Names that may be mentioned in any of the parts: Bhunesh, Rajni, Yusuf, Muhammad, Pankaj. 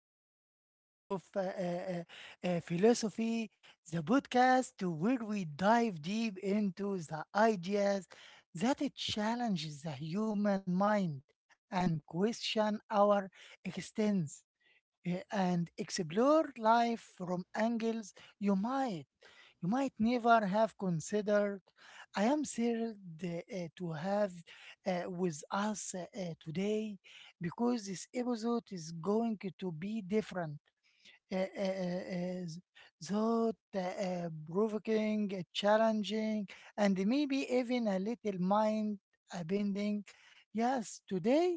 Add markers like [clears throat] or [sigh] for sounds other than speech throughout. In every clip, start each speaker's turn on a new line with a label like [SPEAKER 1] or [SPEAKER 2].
[SPEAKER 1] episode of Philosophy, the podcast where we dive deep into the ideas that it challenges the human mind and question our existence and explore life from angles you might never have considered. I am thrilled to have with us today, because this episode is going to be different. Uh, uh, uh, thought provoking, challenging, and maybe even a little mind bending. Yes, today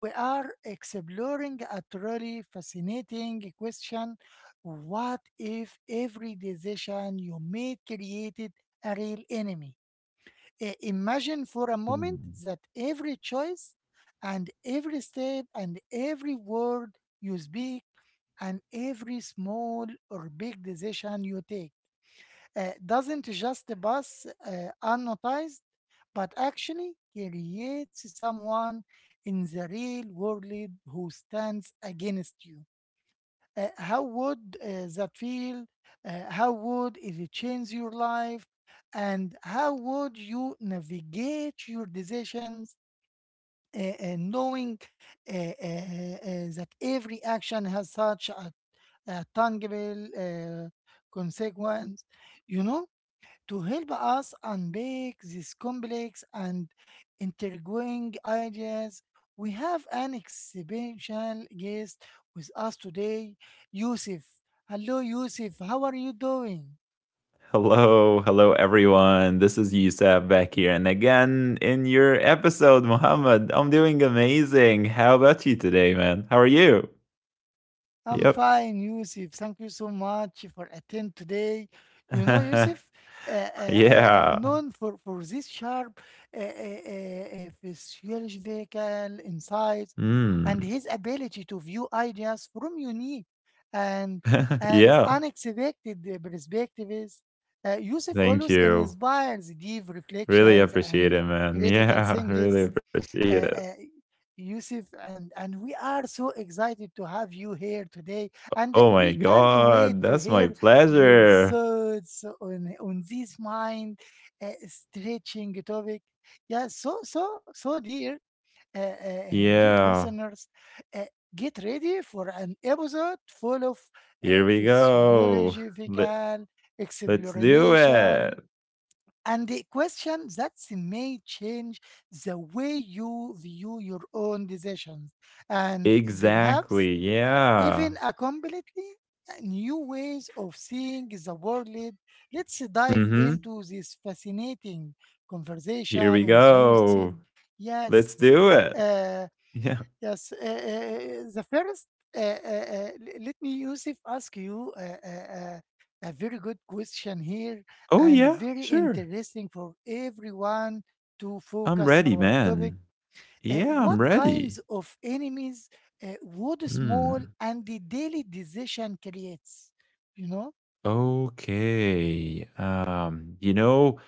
[SPEAKER 1] we are exploring a truly fascinating question. What if every decision you made created a real enemy? Imagine for a moment
[SPEAKER 2] Mm.
[SPEAKER 1] that every choice and every step and every word you speak and every small or big decision you take doesn't just pass unnoticed, but actually creates someone in the real world who stands against you. How would that feel? How would it change your life? And how would you navigate your decisions? Knowing that every action has such a tangible consequence, you know, to help us unpack these complex and intriguing ideas, we have an exceptional guest with us today, Yusuf. Hello, Yusuf. How are you doing?
[SPEAKER 2] Hello, hello everyone. This is Yusuf back here, and again in your episode, Muhammad. I'm doing amazing. How about you today, man? How are you?
[SPEAKER 1] I'm
[SPEAKER 2] Yep.
[SPEAKER 1] fine, Yusuf. Thank you so much for attend today. You know,
[SPEAKER 2] [laughs]
[SPEAKER 1] Yusuf,
[SPEAKER 2] Yeah.
[SPEAKER 1] known for this sharp physiological insights and
[SPEAKER 2] Mm.
[SPEAKER 1] his ability to view ideas from unique and
[SPEAKER 2] [laughs]
[SPEAKER 1] and
[SPEAKER 2] Yeah.
[SPEAKER 1] unexpected perspectives. Yusuf
[SPEAKER 2] Thank
[SPEAKER 1] always
[SPEAKER 2] you.
[SPEAKER 1] inspires deep
[SPEAKER 2] Really
[SPEAKER 1] reflections
[SPEAKER 2] appreciate
[SPEAKER 1] and
[SPEAKER 2] it, man.
[SPEAKER 1] critical
[SPEAKER 2] Yeah, [laughs] really
[SPEAKER 1] thinkings
[SPEAKER 2] appreciate
[SPEAKER 1] uh,
[SPEAKER 2] it.
[SPEAKER 1] uh, Yusuf, and we are so excited to have you here today, and
[SPEAKER 2] Oh my
[SPEAKER 1] we can't wait
[SPEAKER 2] god,
[SPEAKER 1] to
[SPEAKER 2] that's my
[SPEAKER 1] hear your
[SPEAKER 2] pleasure.
[SPEAKER 1] thoughts on this mind stretching topic. Yeah, so dear, dear
[SPEAKER 2] Yeah.
[SPEAKER 1] listeners, uh, get ready for an episode full of
[SPEAKER 2] Here we go. Let,
[SPEAKER 1] physiological
[SPEAKER 2] let's do
[SPEAKER 1] exploration
[SPEAKER 2] it.
[SPEAKER 1] and the question that may change the way you view your own decisions and
[SPEAKER 2] Exactly,
[SPEAKER 1] perhaps even
[SPEAKER 2] yeah.
[SPEAKER 1] a completely new ways of seeing the world. Let's dive
[SPEAKER 2] Mhm.
[SPEAKER 1] into this fascinating
[SPEAKER 2] Here we
[SPEAKER 1] conversation with Yusuf.
[SPEAKER 2] go.
[SPEAKER 1] Yes,
[SPEAKER 2] Let's do it.
[SPEAKER 1] uh,
[SPEAKER 2] Yeah.
[SPEAKER 1] Yes, the first, let me, Yusuf, ask you a very good question here
[SPEAKER 2] Oh,
[SPEAKER 1] and
[SPEAKER 2] yeah,
[SPEAKER 1] very
[SPEAKER 2] sure.
[SPEAKER 1] interesting for everyone to
[SPEAKER 2] I'm
[SPEAKER 1] focus
[SPEAKER 2] ready,
[SPEAKER 1] our topic.
[SPEAKER 2] man. Yeah, I'm
[SPEAKER 1] What
[SPEAKER 2] ready.
[SPEAKER 1] kinds of enemies would small
[SPEAKER 2] Hmm.
[SPEAKER 1] and the daily decision creates? You know?
[SPEAKER 2] Okay. You know,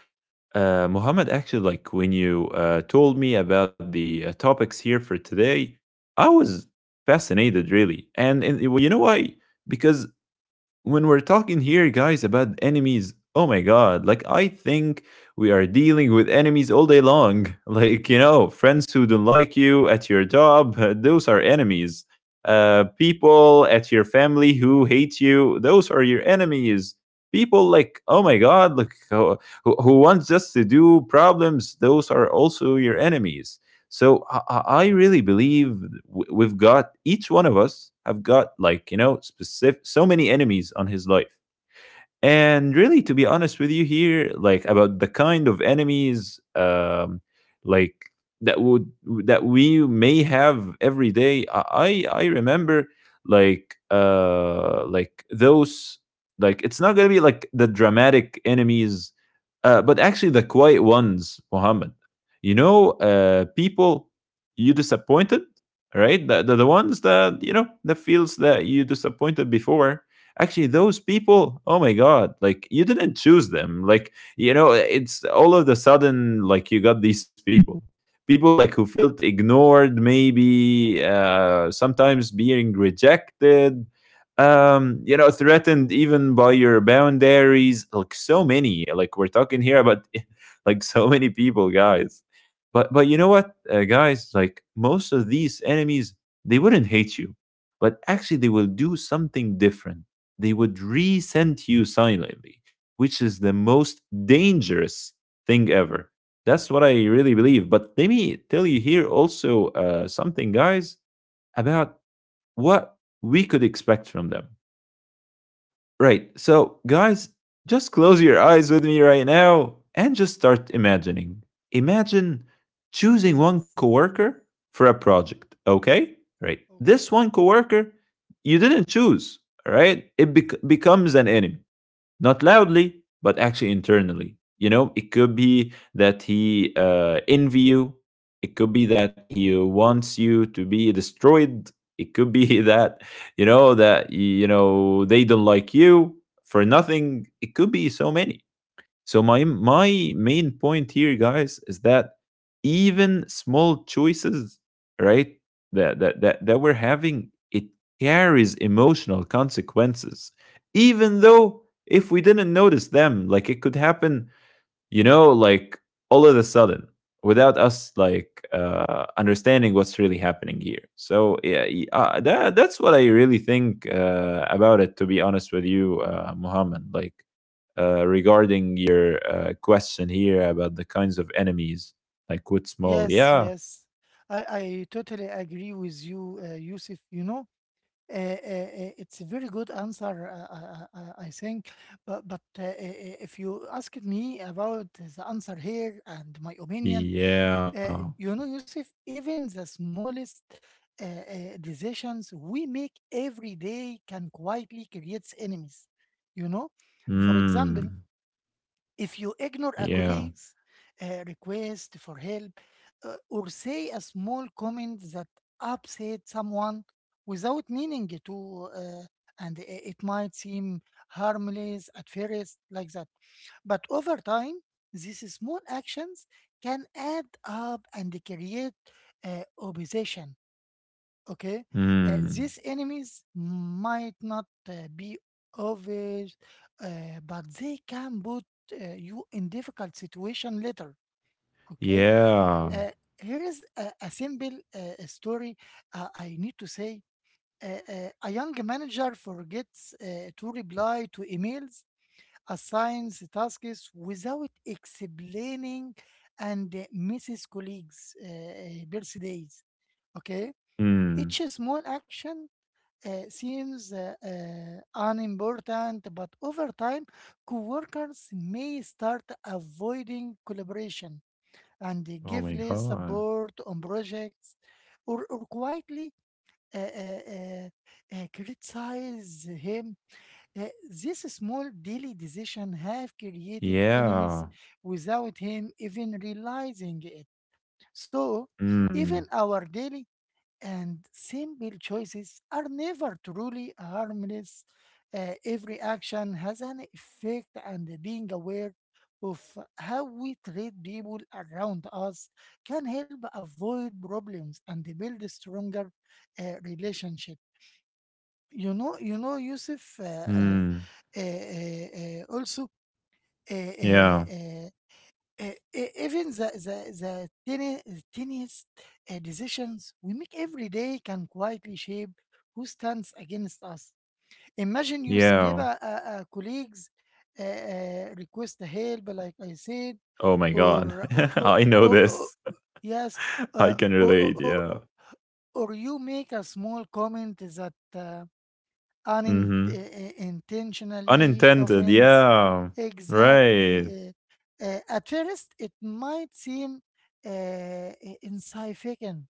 [SPEAKER 2] Mohammed, actually, like when you told me about the topics here for today, I was fascinated, really. And well, you know why? Because when we're talking here, guys, about enemies, oh my god, like I think we are dealing with enemies all day long. [laughs] Like, you know, friends who don't like you at your job, [laughs] those are enemies. People at your family who hate you, those are your enemies. People like, oh my god, like who wants us to do problems, those are also your enemies. So I really believe we've got each one of us have got, like you know, specific so many enemies on his life, and really, to be honest with you here, like about the kind of enemies, like that would that we may have every day. I remember, like those, like it's not gonna be like the dramatic enemies, but actually the quiet ones, Muhammad. You know, people you disappointed, right? The ones that, you know, that feels that you disappointed before. Actually those people, oh my god, like you didn't choose them, like you know it's all of the sudden, like you got these people, people like who felt ignored, maybe sometimes being rejected, you know, threatened even by your boundaries, like so many, like we're talking here about [laughs] like so many people, guys. But you know what, guys, like most of these enemies, they wouldn't hate you, but actually they will do something different. They would resent you silently, which is the most dangerous thing ever. That's what I really believe. But let me tell you here also something, guys, about what we could expect from them. Right. So, guys, just close your eyes with me right now and just start imagining. Imagine choosing one
[SPEAKER 1] Yes.
[SPEAKER 2] coworker for a
[SPEAKER 1] Mm-hmm.
[SPEAKER 2] project, okay? Right. This
[SPEAKER 1] Okay.
[SPEAKER 2] one coworker you didn't choose, right? It becomes an enemy, not loudly, but actually internally. You know, it could be that he envy you. It could be that he wants you to be destroyed. It could be [laughs] that you know they don't like you for nothing. It could be so many. So my main point here, guys, is that even small choices, right, that we're having, it carries emotional consequences, even though if we didn't notice them, like it could happen, you know, like all of a sudden, without us like understanding what's really happening here. So yeah, that's what I really think about it, to be honest with you, Muhammad, like regarding your question here about the kinds of enemies, like what's small.
[SPEAKER 1] Yes,
[SPEAKER 2] Yeah,
[SPEAKER 1] yes, I totally agree with you, Yusuf. You know, it's a very good answer, I think. But if you asked me about the answer here and my opinion, uh,
[SPEAKER 2] yeah.
[SPEAKER 1] you know, Yusuf, even the smallest decisions we make every day can quietly create enemies. You know, for example,
[SPEAKER 2] Mm.
[SPEAKER 1] if you ignore a
[SPEAKER 2] Yeah.
[SPEAKER 1] colleague's request for help or say a small comment that upset someone without meaning it to, uh, and it might seem harmless at first, like that. But over time, these small actions can add up and create opposition. Okay.
[SPEAKER 2] Mm.
[SPEAKER 1] These enemies might not be obvious, uh, but they can put you in difficult situation later. Okay.
[SPEAKER 2] Yeah.
[SPEAKER 1] uh, Here is a simple story I need to say. uh, a young manager forgets to reply to emails, assigns tasks without explaining, and misses colleagues birthdays. Okay.
[SPEAKER 2] Mm.
[SPEAKER 1] Each small action seems unimportant, but over time, coworkers may start avoiding collaboration, and they
[SPEAKER 2] Oh my
[SPEAKER 1] give less
[SPEAKER 2] god.
[SPEAKER 1] support on projects, or quietly uh, uh, uh, criticize him. This small daily decision have created
[SPEAKER 2] Yeah.
[SPEAKER 1] enemies without him even realizing it. So,
[SPEAKER 2] Mm.
[SPEAKER 1] even our daily and simple choices are never truly harmless. Every action has an effect, and being aware of how we treat people around us can help avoid problems and build a stronger relationship. You know, Yusuf.
[SPEAKER 2] Mm.
[SPEAKER 1] Also, uh, uh,
[SPEAKER 2] Yeah.
[SPEAKER 1] uh, even the tiny, tiniest decisions we make every day can quietly shape who stands against us. Imagine you skip
[SPEAKER 2] Yeah.
[SPEAKER 1] a colleague's request help, like I said,
[SPEAKER 2] Oh my god.
[SPEAKER 1] or or,
[SPEAKER 2] [laughs]
[SPEAKER 1] or,
[SPEAKER 2] I know
[SPEAKER 1] or
[SPEAKER 2] this.
[SPEAKER 1] yes,
[SPEAKER 2] [laughs] I
[SPEAKER 1] uh,
[SPEAKER 2] can
[SPEAKER 1] or, or
[SPEAKER 2] relate,
[SPEAKER 1] or
[SPEAKER 2] yeah.
[SPEAKER 1] or you make a small comment that,
[SPEAKER 2] Mhm.
[SPEAKER 1] unintentionally
[SPEAKER 2] Unintended,
[SPEAKER 1] offends.
[SPEAKER 2] yeah.
[SPEAKER 1] Exactly.
[SPEAKER 2] Right.
[SPEAKER 1] At first, it might seem insignificant,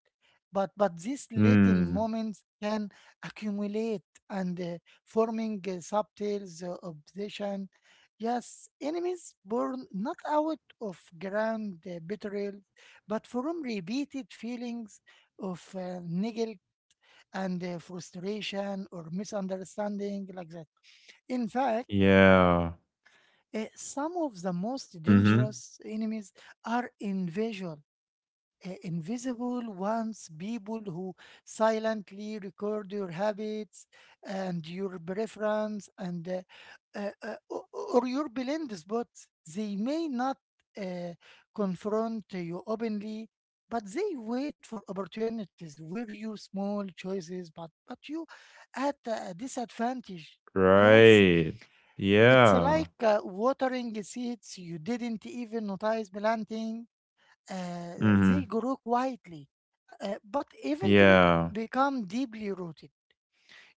[SPEAKER 1] but these little
[SPEAKER 2] Mm.
[SPEAKER 1] moments can accumulate and forming subtle obsession. Yes, enemies born not out of grand betrayal, but from repeated feelings of neglect and frustration or misunderstanding like that. In fact,
[SPEAKER 2] Yeah.
[SPEAKER 1] some of the most
[SPEAKER 2] Mhm.
[SPEAKER 1] dangerous enemies are invisible, invisible ones, people who silently record your habits and your preference and uh, uh, o- or your blind spots. They may not uh, confront you openly, but they wait for opportunities where you small choices, but you at a disadvantage. Yes,
[SPEAKER 2] Right.
[SPEAKER 1] it's
[SPEAKER 2] Yeah.
[SPEAKER 1] like watering seeds you didn't even notice planting. They
[SPEAKER 2] Mhm.
[SPEAKER 1] grow quietly, but eventually
[SPEAKER 2] Yeah.
[SPEAKER 1] become deeply rooted.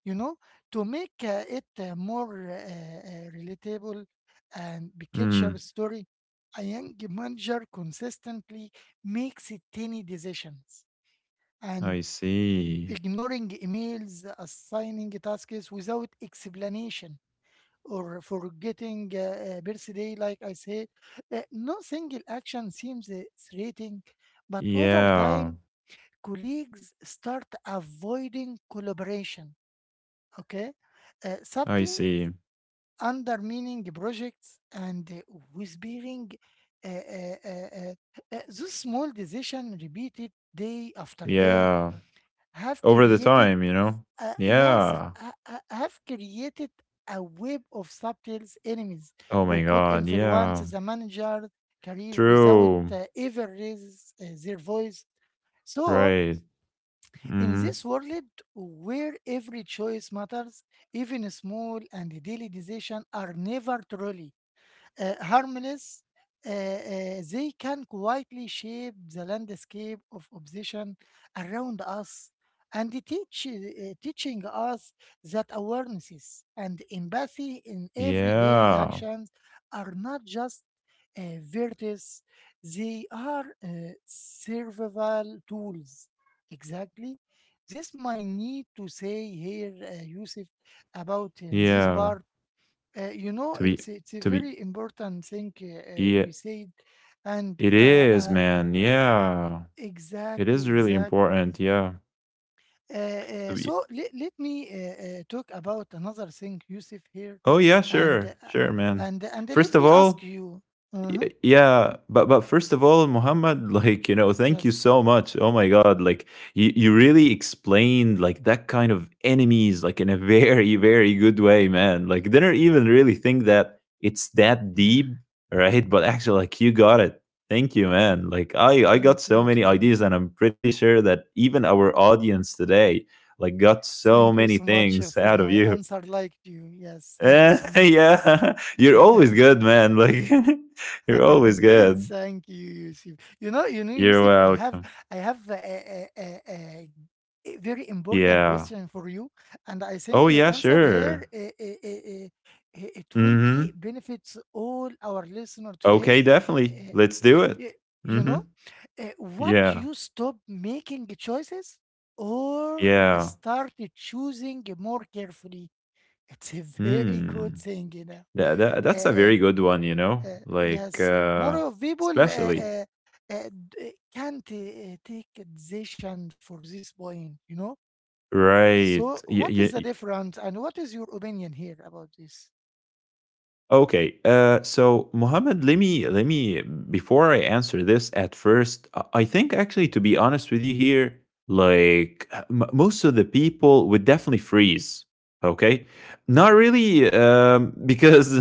[SPEAKER 1] You know, to make it more relatable and picture
[SPEAKER 2] Mm.
[SPEAKER 1] story, a young manager consistently makes tiny decisions, and
[SPEAKER 2] I see.
[SPEAKER 1] ignoring emails, assigning tasks without explanation, or forgetting birthday, like I said. No single action seems threatening, but over
[SPEAKER 2] Yeah.
[SPEAKER 1] time colleagues start avoiding collaboration, okay?
[SPEAKER 2] I
[SPEAKER 1] Subtly
[SPEAKER 2] see.
[SPEAKER 1] undermining projects and whispering uh, uh, uh, uh, those small decisions repeated day after day
[SPEAKER 2] Yeah.
[SPEAKER 1] have
[SPEAKER 2] Over the
[SPEAKER 1] created,
[SPEAKER 2] time, you know?
[SPEAKER 1] yes,
[SPEAKER 2] Yeah.
[SPEAKER 1] I have created a web of subtle enemies
[SPEAKER 2] Oh my
[SPEAKER 1] who could
[SPEAKER 2] god,
[SPEAKER 1] influence
[SPEAKER 2] yeah.
[SPEAKER 1] the manager career without
[SPEAKER 2] True.
[SPEAKER 1] ever raise their voice. So,
[SPEAKER 2] Right.
[SPEAKER 1] in
[SPEAKER 2] Mhm.
[SPEAKER 1] this world where every choice matters, even small and daily decisions are never truly harmless, they can quietly shape the landscape of obsession around us and teach, teaching us that awarenesses and empathy in everyday
[SPEAKER 2] Yeah.
[SPEAKER 1] actions are not just virtues, they are survival tools. Exactly. This might need to say here, Yusuf, about this
[SPEAKER 2] Yeah.
[SPEAKER 1] part. You know,
[SPEAKER 2] To be
[SPEAKER 1] it's a
[SPEAKER 2] to be
[SPEAKER 1] very important thing
[SPEAKER 2] Yeah,
[SPEAKER 1] we said, and
[SPEAKER 2] it
[SPEAKER 1] uh,
[SPEAKER 2] is,
[SPEAKER 1] uh,
[SPEAKER 2] man. Yeah. It
[SPEAKER 1] exactly,
[SPEAKER 2] is really
[SPEAKER 1] exactly.
[SPEAKER 2] important. Yeah. To be
[SPEAKER 1] So, let, let me talk about another thing, Yusuf here,
[SPEAKER 2] Oh yeah,
[SPEAKER 1] and uh,
[SPEAKER 2] sure.
[SPEAKER 1] uh,
[SPEAKER 2] Sure, man.
[SPEAKER 1] and
[SPEAKER 2] First
[SPEAKER 1] let
[SPEAKER 2] of
[SPEAKER 1] me
[SPEAKER 2] all,
[SPEAKER 1] ask you. Uh-huh,
[SPEAKER 2] Yeah, but first of all Muhammad, [laughs] like you know, thank you
[SPEAKER 1] yes,
[SPEAKER 2] so much, oh my god, like you really explained like that kind of enemies like in a [laughs] very very good way, man, like didn't even really think that it's that
[SPEAKER 1] yeah.
[SPEAKER 2] deep, right? But actually like you got it. Thank you man, like I got
[SPEAKER 1] Thank
[SPEAKER 2] so
[SPEAKER 1] you
[SPEAKER 2] many
[SPEAKER 1] too.
[SPEAKER 2] ideas and I'm pretty sure that even our audience today like got so
[SPEAKER 1] Thank
[SPEAKER 2] many
[SPEAKER 1] you so much
[SPEAKER 2] things [laughs]
[SPEAKER 1] for
[SPEAKER 2] out of
[SPEAKER 1] my
[SPEAKER 2] you.
[SPEAKER 1] answer. Like you, yes.
[SPEAKER 2] [laughs]
[SPEAKER 1] Thank you so much.
[SPEAKER 2] Yeah. [laughs] You're always
[SPEAKER 1] [laughs]
[SPEAKER 2] good, man, like [laughs] you're always
[SPEAKER 1] [laughs]
[SPEAKER 2] good.
[SPEAKER 1] Thank you, Yusuf. You know,
[SPEAKER 2] You're
[SPEAKER 1] Yusuf,
[SPEAKER 2] welcome.
[SPEAKER 1] I have a very important
[SPEAKER 2] Yeah.
[SPEAKER 1] question for you, and I think
[SPEAKER 2] Oh, yeah,
[SPEAKER 1] your answer here,
[SPEAKER 2] sure.
[SPEAKER 1] it will be
[SPEAKER 2] Hmm.
[SPEAKER 1] benefits all our listener today.
[SPEAKER 2] Okay, definitely.
[SPEAKER 1] Uh,
[SPEAKER 2] Let's do it.
[SPEAKER 1] y- you
[SPEAKER 2] Hmm.
[SPEAKER 1] know, what
[SPEAKER 2] Yeah.
[SPEAKER 1] you stop making choices or
[SPEAKER 2] Yeah.
[SPEAKER 1] start choosing more carefully. It's a very
[SPEAKER 2] Hmm.
[SPEAKER 1] good thing, you
[SPEAKER 2] That,
[SPEAKER 1] know.
[SPEAKER 2] that, that's a very
[SPEAKER 1] [laughs]
[SPEAKER 2] good one, you know? Like,
[SPEAKER 1] Yes, more of people
[SPEAKER 2] especially.
[SPEAKER 1] can't take a decision for this point, you know? So,
[SPEAKER 2] Right.
[SPEAKER 1] what is the difference and what is your opinion here about this?
[SPEAKER 2] Okay, so Mohammed, let me before I answer this, at first, I think actually to be honest with you here, like most of the people would definitely freeze. Okay, not really, because [laughs]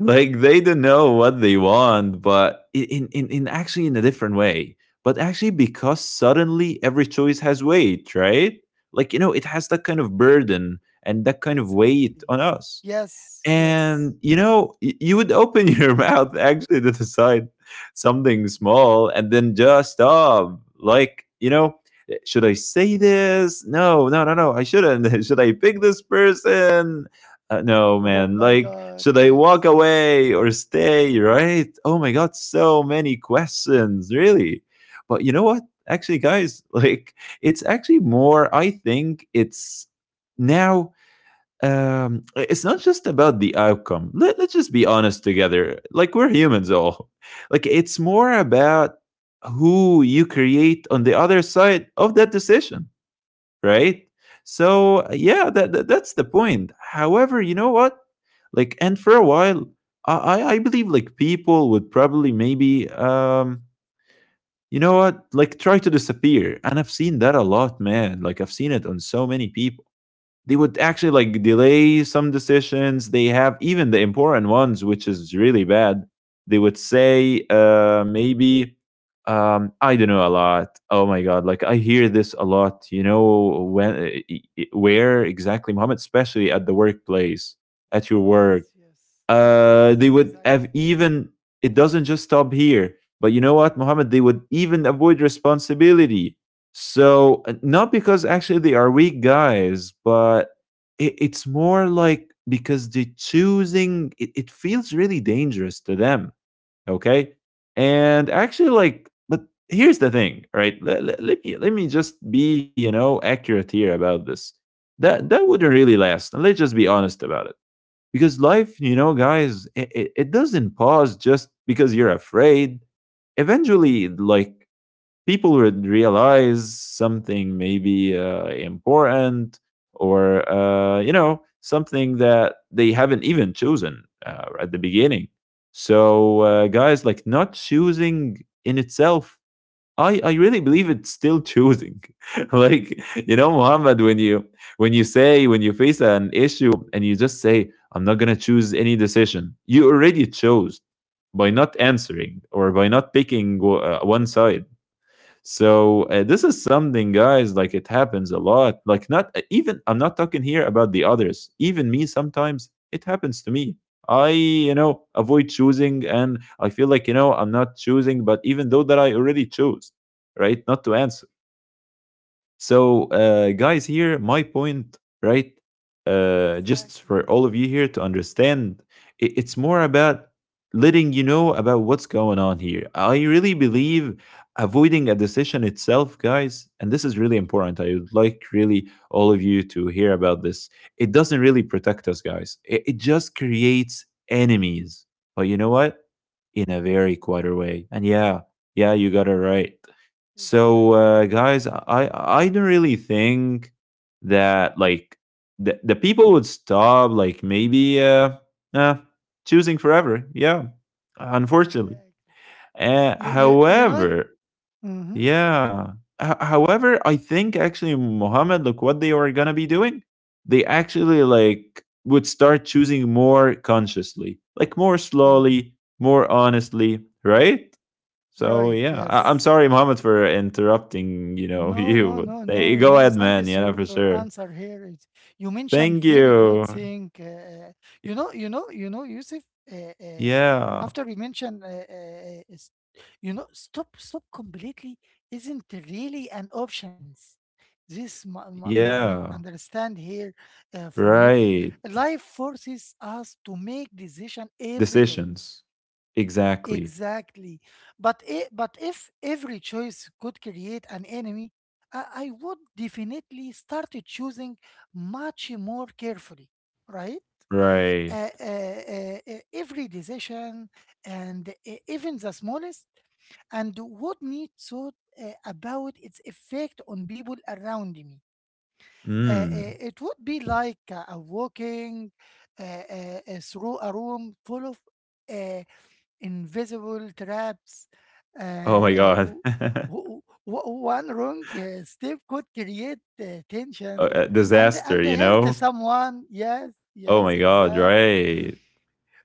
[SPEAKER 2] like they don't know what they want, but in actually, in a different way. But actually, because suddenly every choice has weight, right? Like you know, it has that kind of burden and that kind of weight
[SPEAKER 1] Exactly.
[SPEAKER 2] on us,
[SPEAKER 1] Yes, yes.
[SPEAKER 2] and
[SPEAKER 1] [laughs]
[SPEAKER 2] you know, you would open [laughs] your mouth actually to decide something small and then just stop. Like, you know, "Eh, should I say this? No, no, no, no, I shouldn't. [laughs] Should I pick this person? No,
[SPEAKER 1] Oh
[SPEAKER 2] man.
[SPEAKER 1] my
[SPEAKER 2] Like,
[SPEAKER 1] God,
[SPEAKER 2] should I
[SPEAKER 1] yes.
[SPEAKER 2] walk away or stay? Right? Oh my God, so many questions, really. But you know what? Actually, guys, [laughs] like, it's actually more, I think it's now, it's not just about the outcome. Let's just be honest together, like we're humans all. [laughs] Like, it's more about who you create on the other side of that decision, right? So yeah, that's the point. However, you know what, like, and for a while, I believe like people would probably maybe, you know what, like try to disappear. And I've seen that a lot, man, like I've seen it on so many people. They would actually like delay some decisions. They have even the important ones, which is really bad. They would say, maybe, I don't know a lot. Oh my god, like I hear this a lot. You know when, where exactly, Muhammad, especially at the workplace, at your work,
[SPEAKER 1] Yes, yes. Yes,
[SPEAKER 2] they would have
[SPEAKER 1] exactly.
[SPEAKER 2] even, it doesn't just stop here, but you know what Mohammed? They would even avoid responsibility. So not because actually they are weak, guys, but it's more like because they're choosing, it feels really dangerous to them, okay? And actually like, but here's the thing, right, let me just be, you know, accurate here about this, that wouldn't really last, and let's just be honest about it, because life, you know guys, it doesn't pause just because you're afraid. Eventually, like, people would realize something maybe important, or you know, something that they haven't even chosen at the beginning. So guys, like not choosing in itself, I really believe it's still choosing. [laughs] Like, you know, Muhammad, when you say, when you face an issue and you just say, I'm not gonna choose any decision, you already chose by not answering or by not picking one side. So this is something, guys. Like it happens a lot. Like not, even I'm not talking here about the others. Even me, sometimes it happens to me. I, you know, avoid choosing, and I feel like you know I'm not choosing. But even though that I already chose, right, not to answer. So, guys, here, my point, right? Just
[SPEAKER 1] Exactly,
[SPEAKER 2] for all of you here
[SPEAKER 1] exactly.
[SPEAKER 2] to understand, it's more
[SPEAKER 1] Mm-hmm.
[SPEAKER 2] about letting you know about what's going on here. I really believe avoiding a decision itself, guys, and this is really important. I would like really all of you to hear about this. It doesn't really protect us, guys, it just creates enemies. But you know what? In a very quieter way. And yeah, yeah, you got it right. So,
[SPEAKER 1] Exactly,
[SPEAKER 2] guys,
[SPEAKER 1] exactly.
[SPEAKER 2] I don't really think that,
[SPEAKER 1] Mm-hmm.
[SPEAKER 2] like, the people would stop, like maybe uh choosing forever. Yeah, unfortunately.
[SPEAKER 1] Exactly. You, you know?
[SPEAKER 2] However,
[SPEAKER 1] Mm-hmm.
[SPEAKER 2] yeah. However, I think actually Muhammad, look what they are gonna be doing. They actually like would start choosing more consciously, like more slowly, more honestly, right? So
[SPEAKER 1] Right,
[SPEAKER 2] yeah, I'm
[SPEAKER 1] yes.
[SPEAKER 2] sorry, Mohammed, for interrupting. You know, [laughs]
[SPEAKER 1] No, no,
[SPEAKER 2] you,
[SPEAKER 1] no,
[SPEAKER 2] but hey,
[SPEAKER 1] no,
[SPEAKER 2] go
[SPEAKER 1] no,
[SPEAKER 2] ahead,
[SPEAKER 1] thank
[SPEAKER 2] man.
[SPEAKER 1] you
[SPEAKER 2] Yeah,
[SPEAKER 1] for
[SPEAKER 2] for
[SPEAKER 1] your
[SPEAKER 2] sure.
[SPEAKER 1] answer here. It, you mentioned
[SPEAKER 2] Thank
[SPEAKER 1] very good
[SPEAKER 2] you.
[SPEAKER 1] thing. You know, you know, Yusuf. Uh, uh,
[SPEAKER 2] Yeah,
[SPEAKER 1] After we mentioned, you know, stop completely isn't really an options. This my my
[SPEAKER 2] yeah,
[SPEAKER 1] understand here from you.
[SPEAKER 2] right.
[SPEAKER 1] Life forces us to make decision every day.
[SPEAKER 2] Decisions, exactly.
[SPEAKER 1] Exactly. But if every choice could create an enemy, I would definitely start choosing much more carefully, right?
[SPEAKER 2] Right.
[SPEAKER 1] Every decision and even the smallest, and would need thought about its effect on people around me.
[SPEAKER 2] Mm.
[SPEAKER 1] It would be like a walking through a room full of uh, invisible traps.
[SPEAKER 2] Oh
[SPEAKER 1] Uh,
[SPEAKER 2] my
[SPEAKER 1] uh,
[SPEAKER 2] God.
[SPEAKER 1] w-
[SPEAKER 2] [laughs]
[SPEAKER 1] w- One wrong step could create tension
[SPEAKER 2] Disaster. You
[SPEAKER 1] and hurt
[SPEAKER 2] know.
[SPEAKER 1] someone. Yes,
[SPEAKER 2] Oh my
[SPEAKER 1] yes,
[SPEAKER 2] God.
[SPEAKER 1] exactly.
[SPEAKER 2] Right.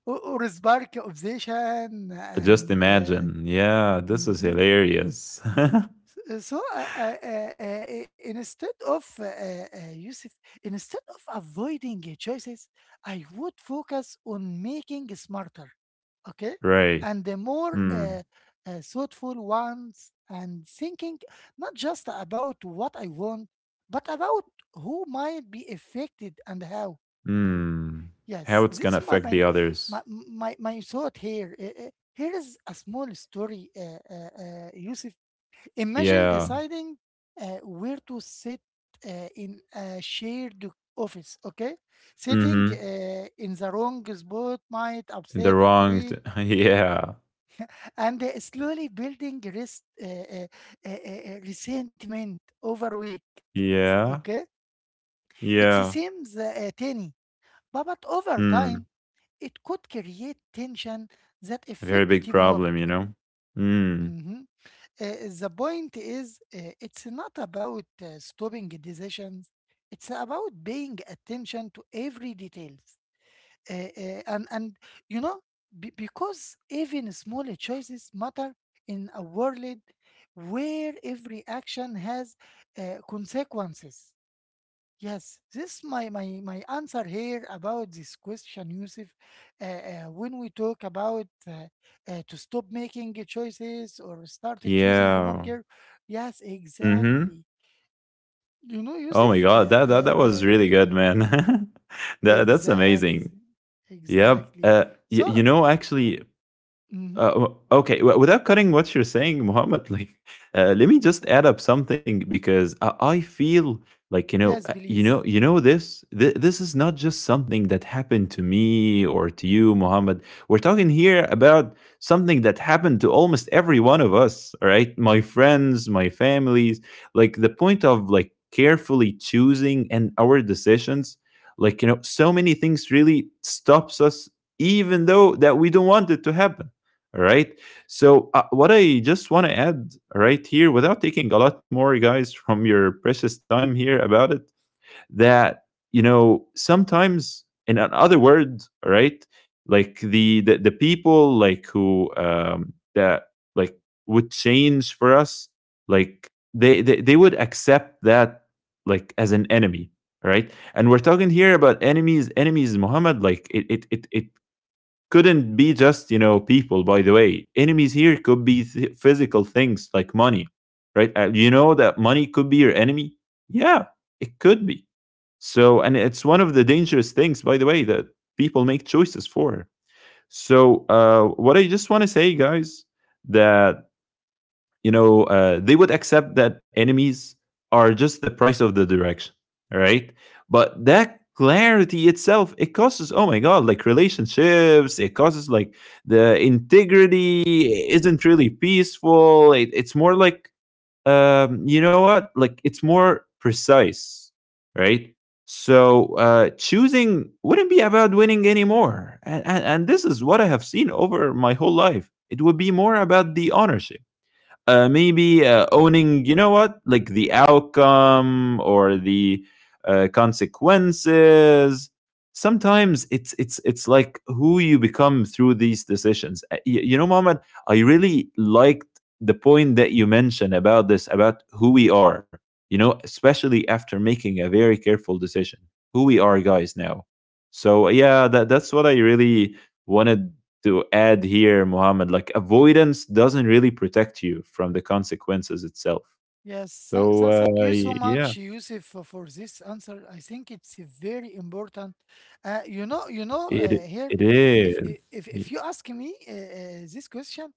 [SPEAKER 1] Or spark obsession
[SPEAKER 2] Just
[SPEAKER 1] and.
[SPEAKER 2] imagine. Yeah, this is
[SPEAKER 1] Mhm.
[SPEAKER 2] hilarious. [laughs]
[SPEAKER 1] So, instead of Yusuf, instead of avoiding choices, I would focus on making smarter, okay,
[SPEAKER 2] Right.
[SPEAKER 1] and the more
[SPEAKER 2] Mm.
[SPEAKER 1] thoughtful ones, and thinking not just about what I want, but about who might be affected and how.
[SPEAKER 2] Mm. How
[SPEAKER 1] Yes,
[SPEAKER 2] it's gonna
[SPEAKER 1] this is my
[SPEAKER 2] affect the
[SPEAKER 1] my
[SPEAKER 2] others.
[SPEAKER 1] my my, my thought here. Here is a small story, Yusuf. Imagine
[SPEAKER 2] Yeah.
[SPEAKER 1] deciding where to sit in a shared office, okay? Sitting
[SPEAKER 2] Mhm.
[SPEAKER 1] in the wrong spot might
[SPEAKER 2] In the
[SPEAKER 1] upset a
[SPEAKER 2] wrong t
[SPEAKER 1] colleague
[SPEAKER 2] [laughs] yeah.
[SPEAKER 1] and slowly building rest, resentment over week,
[SPEAKER 2] Yeah.
[SPEAKER 1] okay? It
[SPEAKER 2] Yeah.
[SPEAKER 1] seems tiny, but over
[SPEAKER 2] Mm.
[SPEAKER 1] time, it could create tension that
[SPEAKER 2] A very
[SPEAKER 1] affect
[SPEAKER 2] big
[SPEAKER 1] teamwork.
[SPEAKER 2] problem, you know? Mm.
[SPEAKER 1] Mhm. The point is, it's not about stopping decisions. It's about paying attention to every details. And and you know, because even small choices matter in a world where every action has consequences. Yes, this my answer here about this question, Yusuf. When we talk about to stop making choices or start choosing more
[SPEAKER 2] Yeah.
[SPEAKER 1] care, yes,
[SPEAKER 2] Mhm.
[SPEAKER 1] exactly. You know,
[SPEAKER 2] Oh my
[SPEAKER 1] Yusuf,
[SPEAKER 2] god, that that
[SPEAKER 1] uh,
[SPEAKER 2] that was
[SPEAKER 1] uh,
[SPEAKER 2] really good, man. [laughs] That's
[SPEAKER 1] exact,
[SPEAKER 2] amazing. Yep.
[SPEAKER 1] exactly.
[SPEAKER 2] Y
[SPEAKER 1] So,
[SPEAKER 2] you know, actually
[SPEAKER 1] mhm.
[SPEAKER 2] W- okay, w- Without cutting what you're saying, Muhammad, like, [laughs] let me just add up something because I feel like
[SPEAKER 1] Yes, please.
[SPEAKER 2] you know this. This is not just something that happened to me or to you, Muhammad. We're talking here about something that happened to almost every one of us. All right, my friends, my families. Like the point of like carefully choosing and our decisions. Like you know, so many things really stops us, even though that we don't want it to happen, all right. So, what I just want to add right here, without taking a lot more, guys, [laughs] from your precious time here about it, that, you know, sometimes, in another word, all right, like the people like who, that like would change for us, like they would accept that like as an enemy, all right? And we're talking here about enemies, enemies, Muhammad, like it couldn't be just you know people. By the way, enemies here could be physical things like money, right? You know that money could be your enemy, yeah. It could be. So and it's one of the dangerous things, by the way, that people make choices for. So what I just want to say, guys, that they would accept that enemies are just the price of the direction, right? But that clarity itself, it causes, oh my God, like relationships, it causes like the integrity isn't really peaceful. It, it's more like, you know what? Like it's more precise, right? So choosing wouldn't be about winning anymore. And this is what I have seen over my whole life. It would be more about the ownership, maybe owning you know what like the outcome or the consequences. Sometimes it's like who you become through these decisions. You know, Mohammed, I really liked the point that you mentioned about this, about who we are, you know, especially after making a very careful decision. Who we are, guys, now. So yeah, that's what I really wanted to add here, Muhammad, like avoidance doesn't really protect you from the consequences itself.
[SPEAKER 1] Yes,
[SPEAKER 2] So
[SPEAKER 1] thank you so
[SPEAKER 2] yeah,
[SPEAKER 1] much, Yusuf, for this answer. I think it's a very important. You know,
[SPEAKER 2] it
[SPEAKER 1] here,
[SPEAKER 2] it
[SPEAKER 1] if
[SPEAKER 2] is.
[SPEAKER 1] I- if you ask me this question,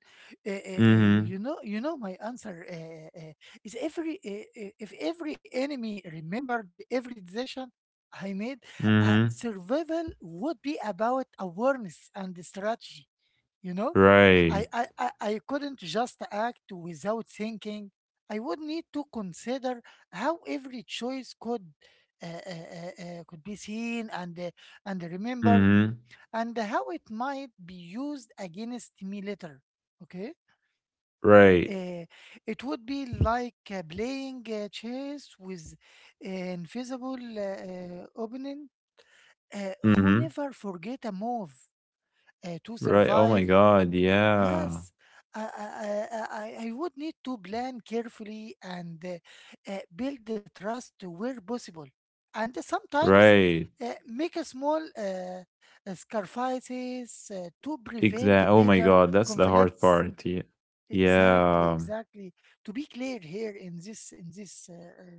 [SPEAKER 2] Mm-hmm.
[SPEAKER 1] you know, my answer is every if every enemy remembered every decision I made,
[SPEAKER 2] Mm-hmm.
[SPEAKER 1] survival would be about awareness and strategy. You know, I,
[SPEAKER 2] Right.
[SPEAKER 1] I i I couldn't just act without thinking. I would need to consider how every choice could be seen and remembered,
[SPEAKER 2] Mm-hmm.
[SPEAKER 1] and how it might be used against me later, okay?
[SPEAKER 2] Right.
[SPEAKER 1] Uh, it would be like playing chess with an invisible opponent who
[SPEAKER 2] Mm-hmm.
[SPEAKER 1] never forget a move to
[SPEAKER 2] Right. Oh my
[SPEAKER 1] survive.
[SPEAKER 2] God. Yeah.
[SPEAKER 1] Yes, I would need to plan carefully and build the trust where possible. And sometimes
[SPEAKER 2] Right.
[SPEAKER 1] make a small sacrifices to prevent
[SPEAKER 2] Exactly. Oh my
[SPEAKER 1] bigger
[SPEAKER 2] God. That's the hard
[SPEAKER 1] conflicts.
[SPEAKER 2] part. Yeah.
[SPEAKER 1] Exactly,
[SPEAKER 2] Yeah.
[SPEAKER 1] exactly. To be clear here in this,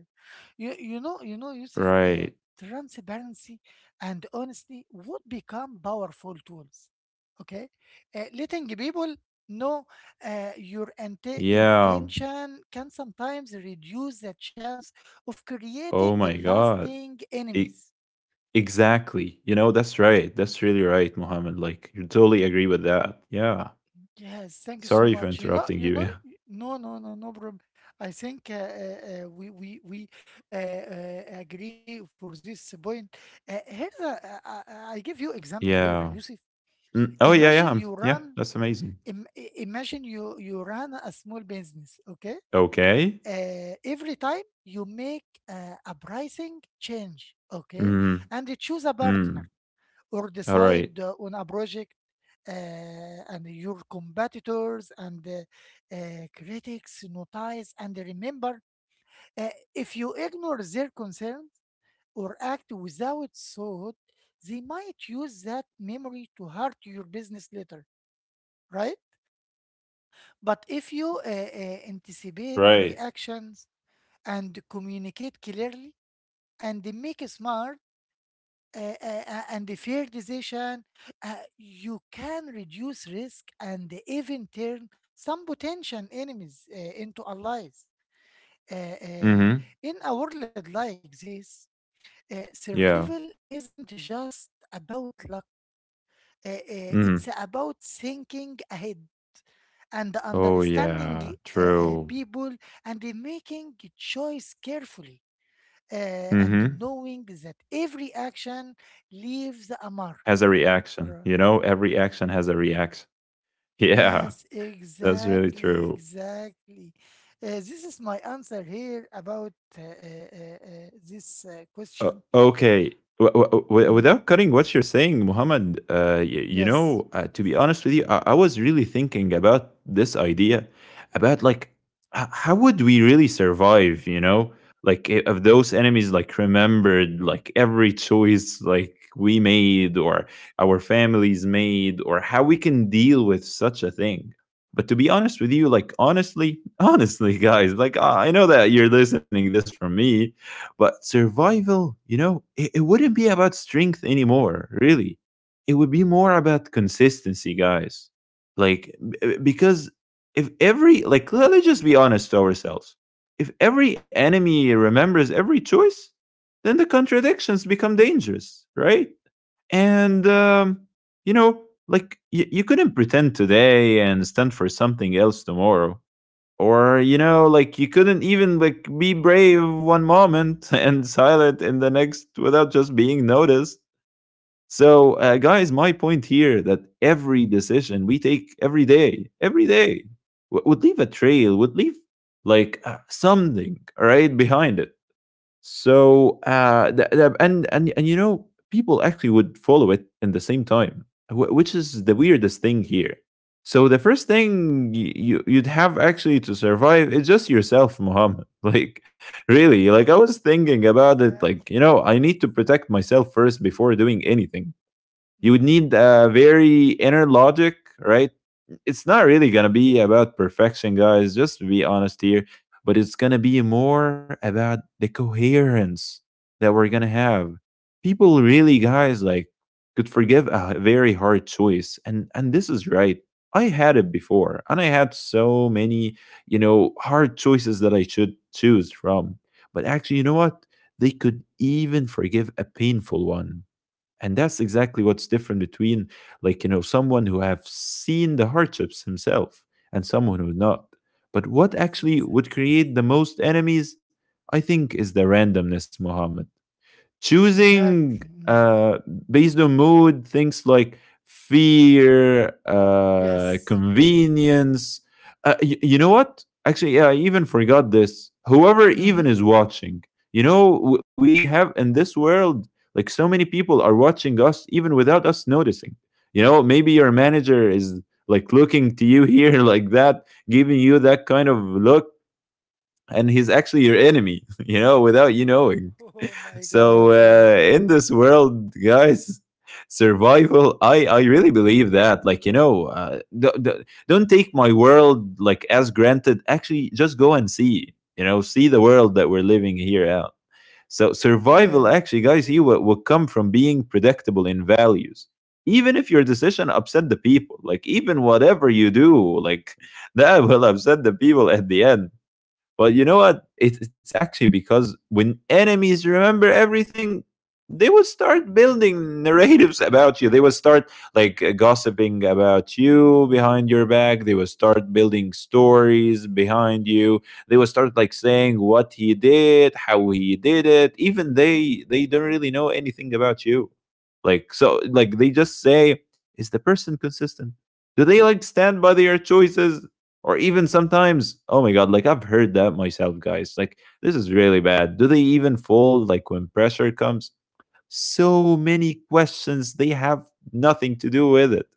[SPEAKER 1] you know, Yusuf,
[SPEAKER 2] Right.
[SPEAKER 1] transparency and honesty would become powerful tools. Okay, letting people know your
[SPEAKER 2] Yeah.
[SPEAKER 1] intention can sometimes reduce the chance of
[SPEAKER 2] Oh
[SPEAKER 1] creating a
[SPEAKER 2] my God.
[SPEAKER 1] lasting
[SPEAKER 2] E
[SPEAKER 1] enemies.
[SPEAKER 2] Exactly. You know, that's right. That's really right, Mohammed. Like, you totally agree with that. Yeah.
[SPEAKER 1] Yes, thank you so
[SPEAKER 2] Sorry for
[SPEAKER 1] much.
[SPEAKER 2] interrupting you. Yeah.
[SPEAKER 1] No, no, no, no problem. I think we agree for this point. Here's I give you example here,
[SPEAKER 2] Yeah.
[SPEAKER 1] Yusuf.
[SPEAKER 2] Mm, oh, yeah,
[SPEAKER 1] Imagine
[SPEAKER 2] yeah.
[SPEAKER 1] you
[SPEAKER 2] Yeah.
[SPEAKER 1] run,
[SPEAKER 2] That's amazing.
[SPEAKER 1] imagine you run a small business, okay?
[SPEAKER 2] Okay.
[SPEAKER 1] Every time you make a pricing change, okay,
[SPEAKER 2] Mm.
[SPEAKER 1] and you choose a
[SPEAKER 2] Mm.
[SPEAKER 1] partner or
[SPEAKER 2] All right.
[SPEAKER 1] decide on a project uh, and your competitors and critics notice and remember. uh, if you ignore their concerns or act without thought, they might use that memory to hurt your business later, right? But if you anticipate
[SPEAKER 2] Right.
[SPEAKER 1] reactions and communicate clearly and make smart and the fair decision, you can reduce risk and even turn some potential enemies into allies. Uh, uh,
[SPEAKER 2] Mm-hmm.
[SPEAKER 1] in a world like this,
[SPEAKER 2] Yeah.
[SPEAKER 1] survival isn't just about luck. Uh, uh, it's
[SPEAKER 2] Mm-hmm.
[SPEAKER 1] about thinking ahead and
[SPEAKER 2] Oh,
[SPEAKER 1] understanding
[SPEAKER 2] yeah. True.
[SPEAKER 1] people and making choice carefully, uh, and
[SPEAKER 2] Mm-hmm.
[SPEAKER 1] knowing that every action leaves a mark.
[SPEAKER 2] Has a reaction. You know, every action has a reaction. [laughs] Yeah.
[SPEAKER 1] Yes,
[SPEAKER 2] That's really
[SPEAKER 1] exactly,
[SPEAKER 2] true.
[SPEAKER 1] exactly. This is my answer here about this question.
[SPEAKER 2] Okay.
[SPEAKER 1] Hmm.
[SPEAKER 2] Without cutting what you're saying, Muhammad, you
[SPEAKER 1] Yes,
[SPEAKER 2] know, to be honest with you, I was really thinking about this idea about like, how would we really survive, you know? Like, if those enemies like remembered like every choice like we made or our families made, or how we can deal with such a thing. But to be honest with you, like, honestly, [laughs] honestly, guys, like, I know that you're listening this from me, but survival, you know, it wouldn't be about strength anymore, really. It would be more about consistency, guys. Like, because if every, like, let's just be honest to ourselves. If every enemy remembers every choice, then the contradictions become dangerous, right? And, you know, like, you couldn't pretend today and stand for something else tomorrow. Or, you know, like you couldn't even like be brave one moment [laughs] and silent in the next without just being noticed. So, guys, my point here that every decision we take every day, would leave a trail, would leave like something right behind it. So the, and you know, people actually would follow it in the same time, which is the weirdest thing here. So the first thing you'd have actually to survive is just yourself, Muhammad. [laughs] Like really, like I was thinking about it. Like you know,
[SPEAKER 1] exactly.
[SPEAKER 2] I need
[SPEAKER 1] Yes.
[SPEAKER 2] to protect myself first before doing anything. You would
[SPEAKER 1] Hmm.
[SPEAKER 2] need a very inner logic, right? It's not really gonna be about perfection, guys, just to be honest here, but it's gonna be more about the coherence that we're gonna have. People really, guys, like could forgive a very hard choice. And this is right. I had it before, and I had so many, you know, hard choices that I should choose from. But actually, you know what? They could even forgive a painful one, and that's exactly what's different between like you know someone who have seen the hardships himself and someone who not. But what
[SPEAKER 1] Yes,
[SPEAKER 2] actually would
[SPEAKER 1] exactly.
[SPEAKER 2] create the most enemies, I think, is the randomness, Muhammad. Choosing
[SPEAKER 1] Exactly. Mm.
[SPEAKER 2] uh, based on mood, things like fear,
[SPEAKER 1] Yes.
[SPEAKER 2] convenience. You know what? Actually, yeah, I even forgot this. Whoever even is
[SPEAKER 1] Hmm. [laughs]
[SPEAKER 2] watching, you know, we have in this world, like so many people are watching us even without us noticing. You know, maybe your manager is like looking to you here [laughs] like that, giving you that kind of look, and he's actually your enemy, [laughs] you know, without you knowing.
[SPEAKER 1] Oh my
[SPEAKER 2] So
[SPEAKER 1] God. Yes.
[SPEAKER 2] in this world, guys, survival. I really believe that. Like you know, don't take my world like as granted. Actually, just go and see. You know, see the world that we're living here out. So survival, actually,
[SPEAKER 1] Yes.
[SPEAKER 2] guys, here will come from being predictable in values. Even if your decision upset the people, like even whatever you do, like [laughs] that will upset the people at the end. But you know what? It, it's actually because when enemies remember everything, they will start building narratives about you. They will start like gossiping about you behind your back. They will start building stories behind you. They will start like saying what he did, how he did it. Even they don't really know anything about you. Like so like they just say, is the person consistent? Do they like stand by their choices? Or even sometimes, oh my God, like I've heard that myself, guys. Like, this is really bad. Do they even fold like when pressure comes? So many questions they have, nothing to do with it.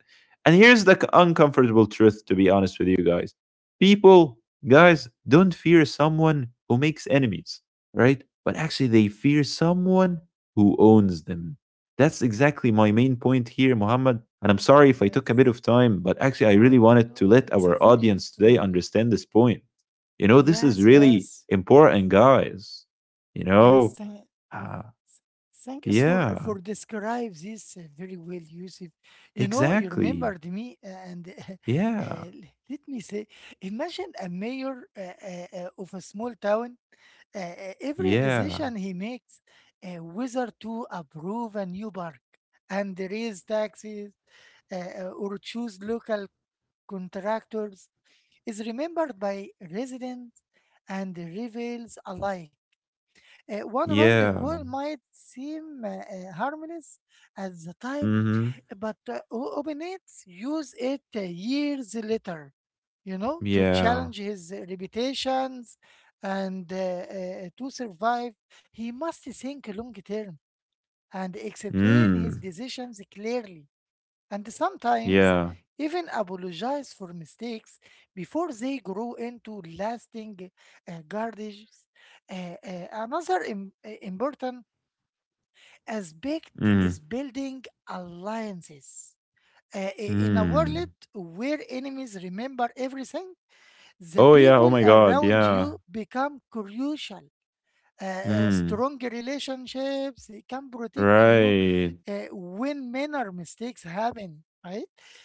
[SPEAKER 2] And here's the uncomfortable truth, to be honest with you, guys. People, guys, don't fear someone who makes enemies, right? But actually they fear someone who owns them. That's exactly my main point here, Muhammad, and I'm sorry if I took
[SPEAKER 1] Yes.
[SPEAKER 2] a bit of time, but actually I
[SPEAKER 1] No,
[SPEAKER 2] really
[SPEAKER 1] no,
[SPEAKER 2] wanted to
[SPEAKER 1] no.
[SPEAKER 2] let
[SPEAKER 1] It's
[SPEAKER 2] our
[SPEAKER 1] very
[SPEAKER 2] audience today
[SPEAKER 1] useful.
[SPEAKER 2] understand this point. You know, this is
[SPEAKER 1] Yes,
[SPEAKER 2] really
[SPEAKER 1] yes.
[SPEAKER 2] important, guys. You
[SPEAKER 1] Yes.
[SPEAKER 2] know
[SPEAKER 1] tha-
[SPEAKER 2] uh,
[SPEAKER 1] Thank you
[SPEAKER 2] yeah.
[SPEAKER 1] for describe this very well, Yusuf. You know, you
[SPEAKER 2] Exactly.
[SPEAKER 1] remembered me, and [laughs]
[SPEAKER 2] Yeah.
[SPEAKER 1] let me say, imagine a mayor of a small town. Every
[SPEAKER 2] Yeah.
[SPEAKER 1] decision he makes, whether to approve a new park and raise taxes uh, or choose local contractors, is remembered by residents and rivals alike. One wrong
[SPEAKER 2] Yeah.
[SPEAKER 1] call might seem harmless at the time,
[SPEAKER 2] Mhm.
[SPEAKER 1] but Obinets use it years later, you know, to
[SPEAKER 2] Yeah.
[SPEAKER 1] challenge his reputations and to survive. He must think long term and explain
[SPEAKER 2] Mm.
[SPEAKER 1] his decisions clearly, and sometimes
[SPEAKER 2] Yeah.
[SPEAKER 1] even apologize for mistakes before they grow into lasting gardens. Another important aspect
[SPEAKER 2] Mm.
[SPEAKER 1] is building alliances. In a
[SPEAKER 2] Mm.
[SPEAKER 1] world where enemies remember everything, the
[SPEAKER 2] Oh, yeah. Oh
[SPEAKER 1] people
[SPEAKER 2] my god.
[SPEAKER 1] around
[SPEAKER 2] Yeah.
[SPEAKER 1] you become crucial.
[SPEAKER 2] Mm.
[SPEAKER 1] Strong relationships they can protect you
[SPEAKER 2] Right.
[SPEAKER 1] when minor mistakes happen, right?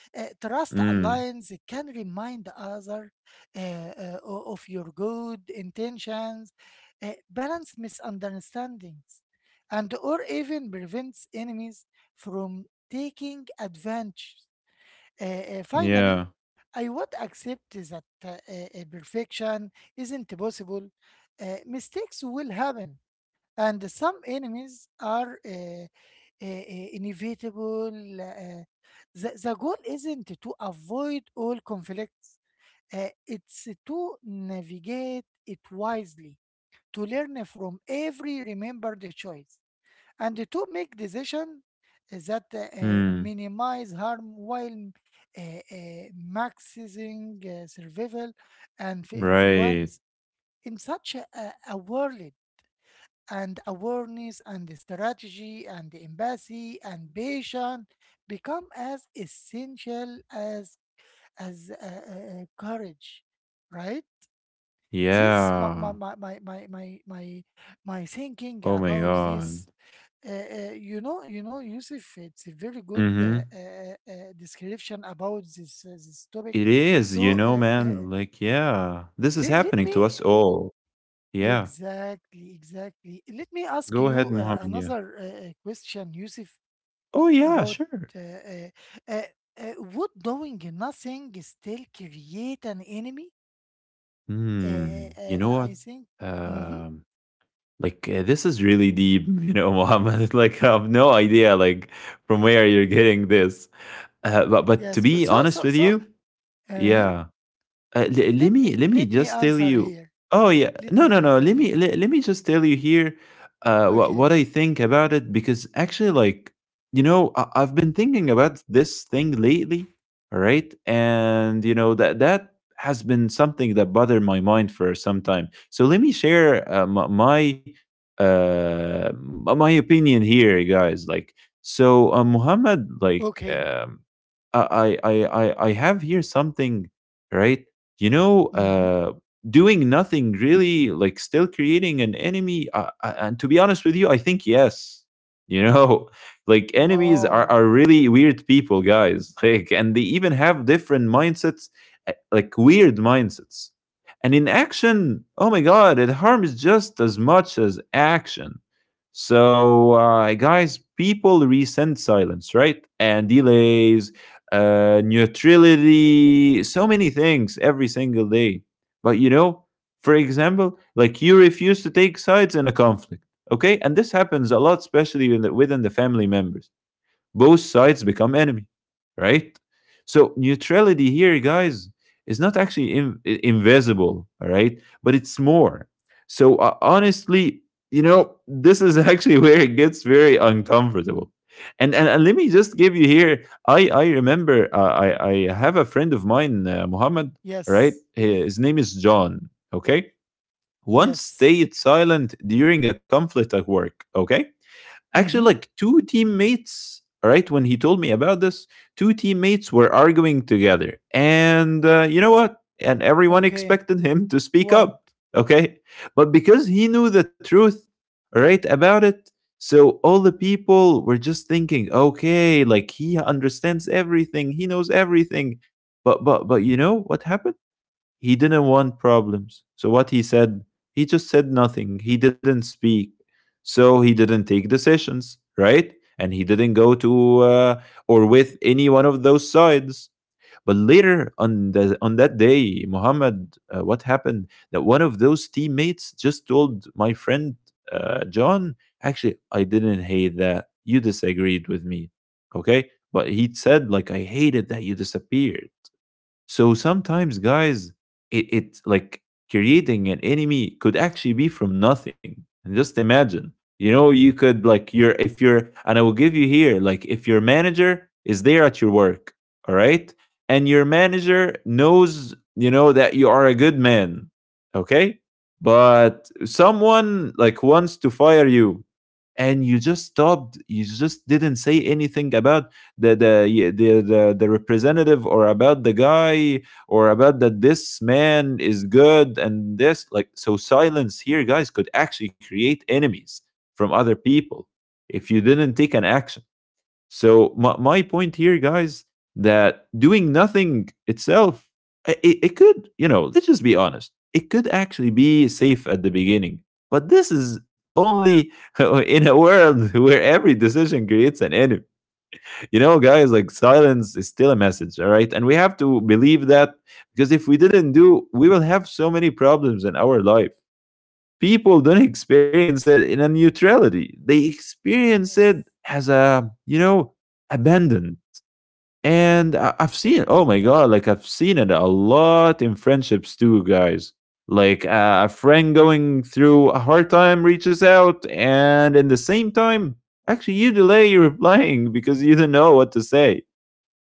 [SPEAKER 1] Trust
[SPEAKER 2] Mm.
[SPEAKER 1] alliance can remind the other of your good intentions, balance misunderstandings, and or even prevents enemies from taking advantage. Finally
[SPEAKER 2] Yeah.
[SPEAKER 1] I would accept that perfection isn't possible. Mistakes will happen and some enemies are inevitable. The goal isn't to avoid all conflicts, it's to navigate it wisely, to learn from every remembered choice, and to make decisions that
[SPEAKER 2] Mm.
[SPEAKER 1] minimize harm while maximizing survival and
[SPEAKER 2] Right.
[SPEAKER 1] influence in such a world, and awareness and the strategy and the empathy and patience become as essential as courage, right? This my my
[SPEAKER 2] Yeah.
[SPEAKER 1] my my my my my my thinking
[SPEAKER 2] Oh my
[SPEAKER 1] about
[SPEAKER 2] god.
[SPEAKER 1] this. You know, Yusuf, it's a very good
[SPEAKER 2] Mhm.
[SPEAKER 1] description about this topic.
[SPEAKER 2] It is, you
[SPEAKER 1] So,
[SPEAKER 2] know, man. Like, yeah. This is
[SPEAKER 1] let
[SPEAKER 2] happening to
[SPEAKER 1] me—
[SPEAKER 2] us all. Yeah.
[SPEAKER 1] exactly, exactly. Let me ask
[SPEAKER 2] Go ahead,
[SPEAKER 1] you
[SPEAKER 2] Mohammed. Yeah.
[SPEAKER 1] another question, Yusuf,
[SPEAKER 2] Oh, yeah.
[SPEAKER 1] about
[SPEAKER 2] Sure.
[SPEAKER 1] uh, uh, uh, would doing nothing still create an enemy?
[SPEAKER 2] Hmm. You know
[SPEAKER 1] I
[SPEAKER 2] what?
[SPEAKER 1] think. Mm-hmm.
[SPEAKER 2] Um, like this is really deep, you know, [laughs] Mohammed. Like I have no idea, like from where you're getting this. But to
[SPEAKER 1] Yes. But
[SPEAKER 2] be
[SPEAKER 1] so,
[SPEAKER 2] honest
[SPEAKER 1] so,
[SPEAKER 2] with
[SPEAKER 1] so.
[SPEAKER 2] you,
[SPEAKER 1] Uh-huh.
[SPEAKER 2] yeah, let me
[SPEAKER 1] Let me
[SPEAKER 2] just tell
[SPEAKER 1] answer
[SPEAKER 2] you.
[SPEAKER 1] here.
[SPEAKER 2] Oh yeah,
[SPEAKER 1] Let me
[SPEAKER 2] no.
[SPEAKER 1] answer here.
[SPEAKER 2] Let me just tell you here, what
[SPEAKER 1] Okay.
[SPEAKER 2] I think about it because actually, like you know, I've been thinking about this thing lately, all right, and you know that that has been something that bothered my mind for some time. So let me share my opinion here, guys. Like so, Muhammad, like.
[SPEAKER 1] Okay.
[SPEAKER 2] Uh, I I I have here something, right? You know,
[SPEAKER 1] Mm-hmm.
[SPEAKER 2] doing nothing really, like still creating an enemy. And to be honest with you, I think yes. You know, [laughs] like enemies
[SPEAKER 1] Wow.
[SPEAKER 2] are really weird people, guys. [laughs] Like, and they even have different mindsets, like weird mindsets. And in action, oh my god, it harms just as much as action. So, guys, people resent silence, right? And delays, neutrality, so many things every single day. But you know, for example, like you refuse to take sides in a conflict, okay? And this happens a lot, especially within the family members, both sides become enemy, right? So neutrality here, guys, is not actually invisible, all right, but it's more. So honestly, you know, this is [laughs] actually where it gets very uncomfortable. And let me just give you
[SPEAKER 1] Okay.
[SPEAKER 2] here, I remember i
[SPEAKER 1] Mm-hmm.
[SPEAKER 2] i have a friend of mine, Muhammad, right?
[SPEAKER 1] Yes.
[SPEAKER 2] His name is John. Okay, once
[SPEAKER 1] Yes.
[SPEAKER 2] stayed silent during a conflict at work. Okay, actually,
[SPEAKER 1] Mm-hmm.
[SPEAKER 2] like two teammates, right? When he told me about this, two teammates were arguing together. And you know what? And everyone
[SPEAKER 1] Okay.
[SPEAKER 2] expected him to speak
[SPEAKER 1] What?
[SPEAKER 2] up, okay? But because he knew the truth, right, about it, so all the people were just thinking, okay, like he understands everything, he knows everything. But you know what happened? He didn't want problems. So what he said, he just said nothing. He didn't speak. So he didn't take decisions, right? And he didn't go to or with any one of those sides. But later on on that day, Muhammad, what happened? That one of those teammates just told my friend, John, actually, I didn't hate that you disagreed with me, okay? But he said like, I hated that you disappeared. So sometimes, guys, it like creating an enemy could actually be from nothing. And just imagine, you know, you could like your if you're, and I will give you here, like if your manager is there at your work, all right, and your manager knows, you know, that you are a good man, okay, but someone like wants to fire you, and you just didn't say anything about the representative or about the guy or about that this man is good and this, like, so silence here, guys, could actually create enemies from other people if you didn't take an action. So my point here, guys, that doing nothing itself, it could, you know, let's just be honest, it could actually be safe at the beginning. But this is only [laughs] in a world where every decision creates an enemy. You know, guys, like silence is still a message, all right? And we have to believe that, because if we didn't do, we will have so many problems in our life. People don't experience it in a neutrality. They experience it
[SPEAKER 1] Yes.
[SPEAKER 2] as a, you know, abandon. And I've seen, oh my God, like I've seen it a lot in friendships too, guys. Like a friend going through a hard time reaches out, and in the same time, actually, you delay your [laughs] replying because you don't know what to say.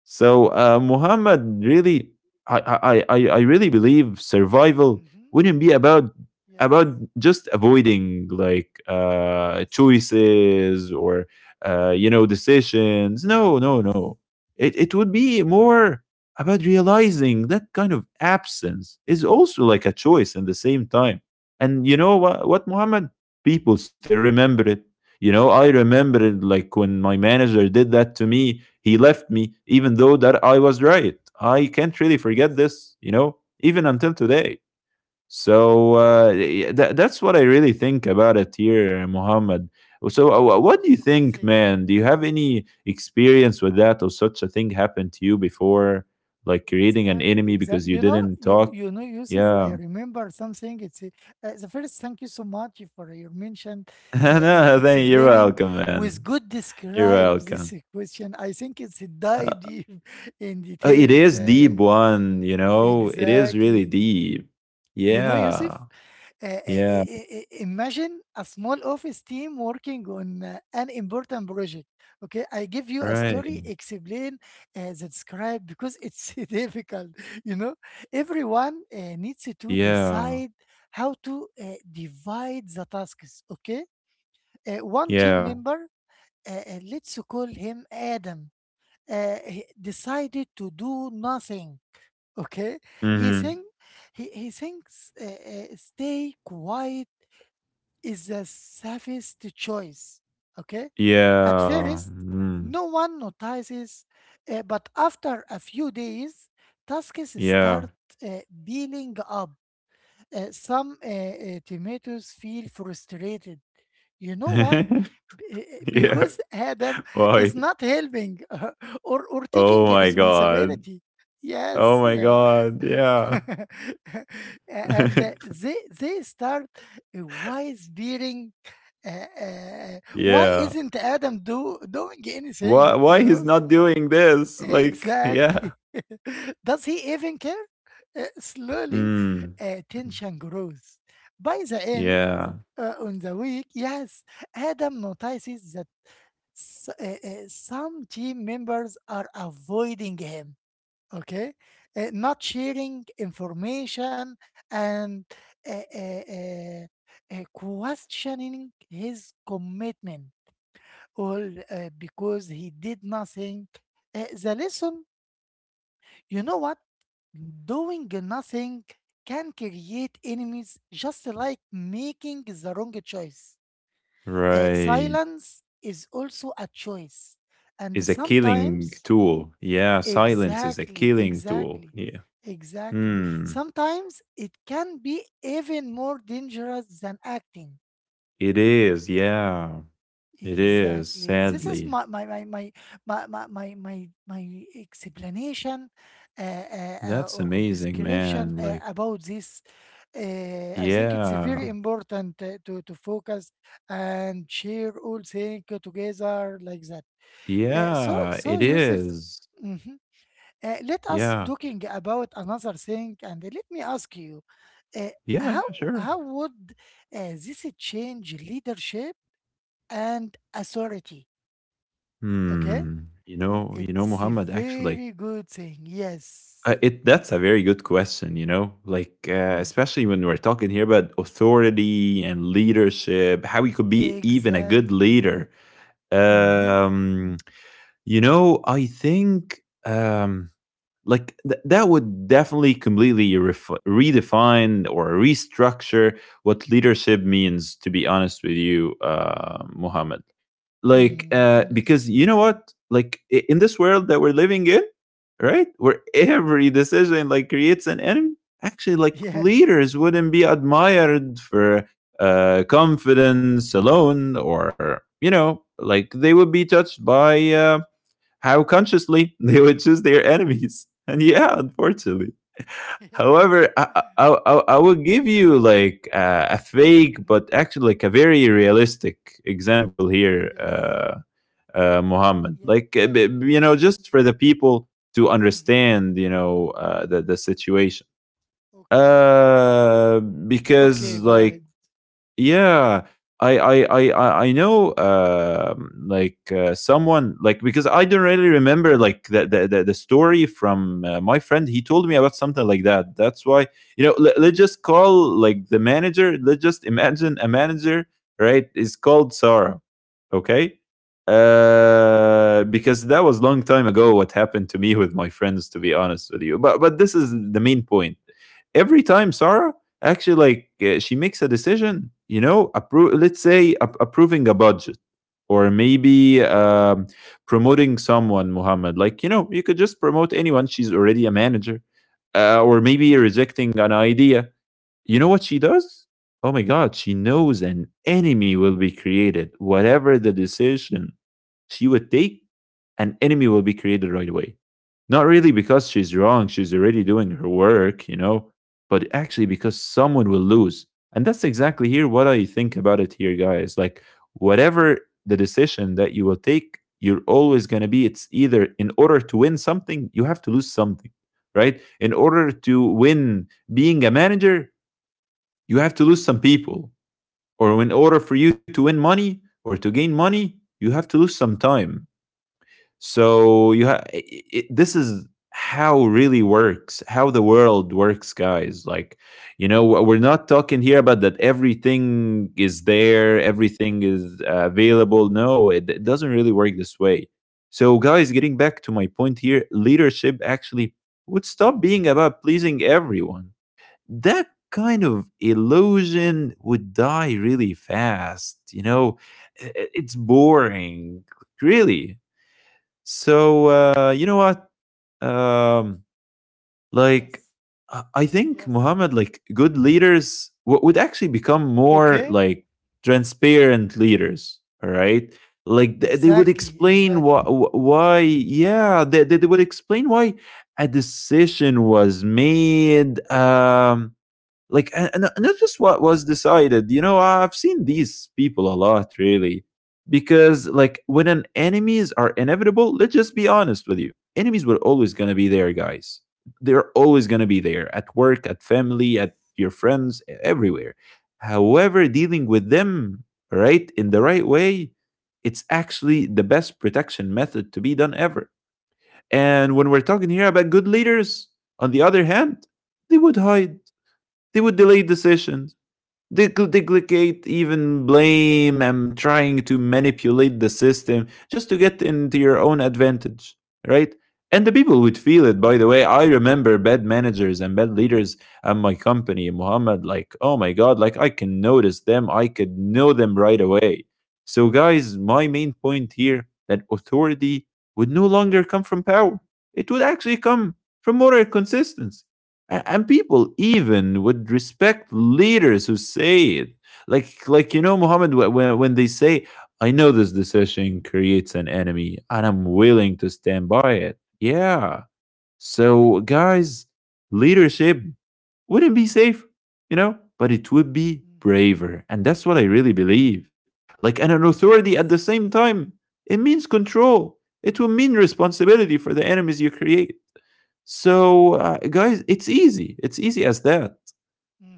[SPEAKER 2] So Muhammad, really, I really believe survival
[SPEAKER 1] Mm-hmm.
[SPEAKER 2] wouldn't be
[SPEAKER 1] Yes.
[SPEAKER 2] about just avoiding like
[SPEAKER 1] Yes.
[SPEAKER 2] choices or you know,
[SPEAKER 1] Mm-hmm.
[SPEAKER 2] decisions. No, no, no.
[SPEAKER 1] Yes.
[SPEAKER 2] It would be more about realizing that kind of absence is also like a choice at the same time. And you know what, Muhammad? People still remember it. You know, I remember it like when my manager did that to me, he left me, even though that I was right. I can't really forget
[SPEAKER 1] Yes.
[SPEAKER 2] this, you know, even until today. So
[SPEAKER 1] Mm-hmm.
[SPEAKER 2] that's what I really think about it here, Muhammad. So,
[SPEAKER 1] Yes.
[SPEAKER 2] what do you
[SPEAKER 1] It's a good
[SPEAKER 2] think,
[SPEAKER 1] thing.
[SPEAKER 2] man? Do you have
[SPEAKER 1] Mm.
[SPEAKER 2] any experience with that, or such a thing happened to you before, like creating an
[SPEAKER 1] Exactly.
[SPEAKER 2] enemy because
[SPEAKER 1] Exactly.
[SPEAKER 2] you
[SPEAKER 1] You know,
[SPEAKER 2] didn't
[SPEAKER 1] you
[SPEAKER 2] talk?
[SPEAKER 1] you know, Yusuf. I
[SPEAKER 2] Yeah.
[SPEAKER 1] remember something. It's the first. Thank you so much for your mention,
[SPEAKER 2] [laughs] No, thank you're
[SPEAKER 1] explaining
[SPEAKER 2] welcome, man.
[SPEAKER 1] with good
[SPEAKER 2] You're
[SPEAKER 1] describe
[SPEAKER 2] welcome.
[SPEAKER 1] this question. I think it's a dive
[SPEAKER 2] Uh,
[SPEAKER 1] deep [laughs] in
[SPEAKER 2] It
[SPEAKER 1] details.
[SPEAKER 2] is deep one, you know? It is really
[SPEAKER 1] Exactly.
[SPEAKER 2] deep.
[SPEAKER 1] You know, Yusuf.
[SPEAKER 2] Yeah. Yeah.
[SPEAKER 1] Imagine a small office team working on an important project. Okay, I give you a
[SPEAKER 2] Right.
[SPEAKER 1] story, explain, the describe because it's [laughs] difficult. You know, everyone needs to
[SPEAKER 2] Yeah.
[SPEAKER 1] decide how to divide the tasks. Okay, uh, one team
[SPEAKER 2] Yeah.
[SPEAKER 1] member, let's call him Adam, he decided to do nothing. Okay, he
[SPEAKER 2] Mm-hmm.
[SPEAKER 1] think he thinks stay quiet is the safest choice. Okay? At
[SPEAKER 2] Yeah.
[SPEAKER 1] first,
[SPEAKER 2] Mm.
[SPEAKER 1] no one notices, but after a few days, tasks start
[SPEAKER 2] Yeah.
[SPEAKER 1] building up. Some tomatoes feel frustrated. You know why?
[SPEAKER 2] [laughs] Yeah.
[SPEAKER 1] Because [laughs] Adam
[SPEAKER 2] Why?
[SPEAKER 1] is not helping [laughs] or
[SPEAKER 2] Oh
[SPEAKER 1] taking
[SPEAKER 2] my god.
[SPEAKER 1] responsibility.
[SPEAKER 2] Oh
[SPEAKER 1] Yes.
[SPEAKER 2] my
[SPEAKER 1] Eh.
[SPEAKER 2] god. Yeah.
[SPEAKER 1] [laughs] And
[SPEAKER 2] [laughs]
[SPEAKER 1] they start why spearing why
[SPEAKER 2] Yeah.
[SPEAKER 1] isn't Adam do doing
[SPEAKER 2] Why
[SPEAKER 1] anything, you
[SPEAKER 2] why he's
[SPEAKER 1] know,
[SPEAKER 2] not doing this? Like,
[SPEAKER 1] exactly.
[SPEAKER 2] yeah.
[SPEAKER 1] [laughs] Does he even care? Slowly
[SPEAKER 2] Mm.
[SPEAKER 1] tension grows. By the end
[SPEAKER 2] Yeah.
[SPEAKER 1] on the week, yes, Adam notices that s- uh, uh, some team members are avoiding him. Okay, not sharing information and uh, uh, uh, questioning his commitment, all because he did nothing. The lesson, you know what? Doing nothing can create enemies, just like making the wrong choice.
[SPEAKER 2] Right.
[SPEAKER 1] Silence is also a choice,
[SPEAKER 2] Is a
[SPEAKER 1] and
[SPEAKER 2] killing
[SPEAKER 1] sometimes—
[SPEAKER 2] tool. Yeah, silence is a
[SPEAKER 1] exactly,
[SPEAKER 2] killing tool.
[SPEAKER 1] exactly,
[SPEAKER 2] Yeah.
[SPEAKER 1] exactly.
[SPEAKER 2] Hmm.
[SPEAKER 1] Sometimes it can be even more dangerous than acting.
[SPEAKER 2] It is. Yeah. It is,
[SPEAKER 1] Exactly. This
[SPEAKER 2] sadly.
[SPEAKER 1] is my my explanation
[SPEAKER 2] That's
[SPEAKER 1] or
[SPEAKER 2] amazing,
[SPEAKER 1] description
[SPEAKER 2] man. Like,
[SPEAKER 1] about this. I think it's very
[SPEAKER 2] yeah.
[SPEAKER 1] important to focus and share all things together like that. So
[SPEAKER 2] Yeah, it
[SPEAKER 1] so Yusuf.
[SPEAKER 2] is.
[SPEAKER 1] Mhm. Let us
[SPEAKER 2] Yeah.
[SPEAKER 1] talking about another thing, and let me ask you, uh,
[SPEAKER 2] Yeah,
[SPEAKER 1] how
[SPEAKER 2] yeah,
[SPEAKER 1] how
[SPEAKER 2] sure.
[SPEAKER 1] would this change leadership and authority? Okay,
[SPEAKER 2] Hmm. You know,
[SPEAKER 1] it's a
[SPEAKER 2] Muhammad, actually, like,
[SPEAKER 1] very good thing. Yes.
[SPEAKER 2] it that's a very good question, you know? Like,
[SPEAKER 1] Mm,
[SPEAKER 2] especially when we're talking here about authority and leadership, how you could be even a good
[SPEAKER 1] exactly.
[SPEAKER 2] leader.
[SPEAKER 1] Mm-hmm.
[SPEAKER 2] Um, you know, I think, um, like that would definitely completely redefine or restructure what leadership means, to be honest with you, Muhammad. Like,
[SPEAKER 1] Mm,
[SPEAKER 2] because
[SPEAKER 1] yes.
[SPEAKER 2] you know what, like, in this world that we're living in, right, where every decision like creates an enemy, actually like
[SPEAKER 1] Yes.
[SPEAKER 2] leaders wouldn't be admired for confidence alone, or, you know, like they would be touched by, how consciously [laughs] they would choose their enemies. And yeah, unfortunately.
[SPEAKER 1] [laughs]
[SPEAKER 2] However, I,
[SPEAKER 1] Yes.
[SPEAKER 2] I, I, I will give you like a fake,
[SPEAKER 1] Mm-hmm.
[SPEAKER 2] but actually like a very realistic example here,
[SPEAKER 1] Yes.
[SPEAKER 2] Muhammad.
[SPEAKER 1] Yeah.
[SPEAKER 2] Like,
[SPEAKER 1] Yes,
[SPEAKER 2] you know,
[SPEAKER 1] please.
[SPEAKER 2] just for the people to
[SPEAKER 1] Mm-hmm.
[SPEAKER 2] understand, you know, the situation.
[SPEAKER 1] Okay. Okay.
[SPEAKER 2] Because
[SPEAKER 1] Go
[SPEAKER 2] like,
[SPEAKER 1] ahead.
[SPEAKER 2] yeah, I know, um, like someone like, because I don't really remember like the story from my friend, he told me about something like that, that's why, you know, let's just call, like, the manager, let's just imagine a manager, right, is called Sarah. Okay, because that was long time ago what happened to me with my friends, to be honest with you, but this is the main point. Every time Sarah, actually, like, she makes a decision, you know, let's say approving a budget, or maybe, promoting someone, Muhammad, like, you know, you could just promote anyone, she's already a manager, or maybe rejecting an idea, you know what she does, oh my God, she knows an enemy will be created. Whatever the decision she would take, an enemy will be created right away. Not really because she's wrong, she's already doing her work, you know, but actually because someone will lose. And that's exactly here what I think about it here, guys. Like, whatever the decision that you will take, you're always going to be, it's either in order to win something, you have to lose something, right? In order to win being a manager, you have to lose some people. Or in order for you to win money or to gain money, you have to lose some time. So you ha- it, this is how really works, how the world works, guys. Like, you know, we're not talking here about that everything is there, everything is available. No, it doesn't really work this way. So, guys, getting back to my point here, leadership actually would stop being about pleasing everyone. That kind of illusion would die really fast. You know, it's boring, really. So you know what? Um,
[SPEAKER 1] Yes.
[SPEAKER 2] like, I think,
[SPEAKER 1] Yes. Yes.
[SPEAKER 2] Muhammad, like good leaders would actually become more
[SPEAKER 1] Okay.
[SPEAKER 2] like transparent leaders. All right, like they would
[SPEAKER 1] Exactly,
[SPEAKER 2] explain why,
[SPEAKER 1] exactly.
[SPEAKER 2] why yeah, they would explain why a decision was made. Like, and that's just what was decided. You know, I've seen these people a lot, really, because like when an enemies are inevitable, let's just be honest with you, enemies were always going to be there, guys. They're always going to
[SPEAKER 1] Mhm.
[SPEAKER 2] be there at work, at family,
[SPEAKER 1] Yes.
[SPEAKER 2] at your friends, everywhere. However,
[SPEAKER 1] Mm.
[SPEAKER 2] dealing with them right in the right way, it's actually the best protection method to be done ever. And when we're talking here about good leaders, on the other hand, they would hide, they would delay decisions. They could duplicate, even blame, and trying to manipulate the system just to get into your own advantage, right? And the people would feel it, by the way. I remember bad managers and bad leaders at my company, Muhammad, like, oh my God, like I can notice them. I could know them right away. So,
[SPEAKER 1] Yes.
[SPEAKER 2] guys, my main point here that authority would no longer come from power. It would actually come from moral consistency. And people even would respect leaders who say it, like, you know, Muhammad, when they say, I know this decision creates an enemy and I'm willing to stand by it, yeah. So, guys, leadership wouldn't be safe, you know, but it would be
[SPEAKER 1] Mm-hmm.
[SPEAKER 2] braver, and that's what I really believe. Like, and an
[SPEAKER 1] Yes.
[SPEAKER 2] authority at the
[SPEAKER 1] Yes.
[SPEAKER 2] same time, it means control, it will mean responsibility for the enemies you create. So, guys, it's easy. It's easy as that,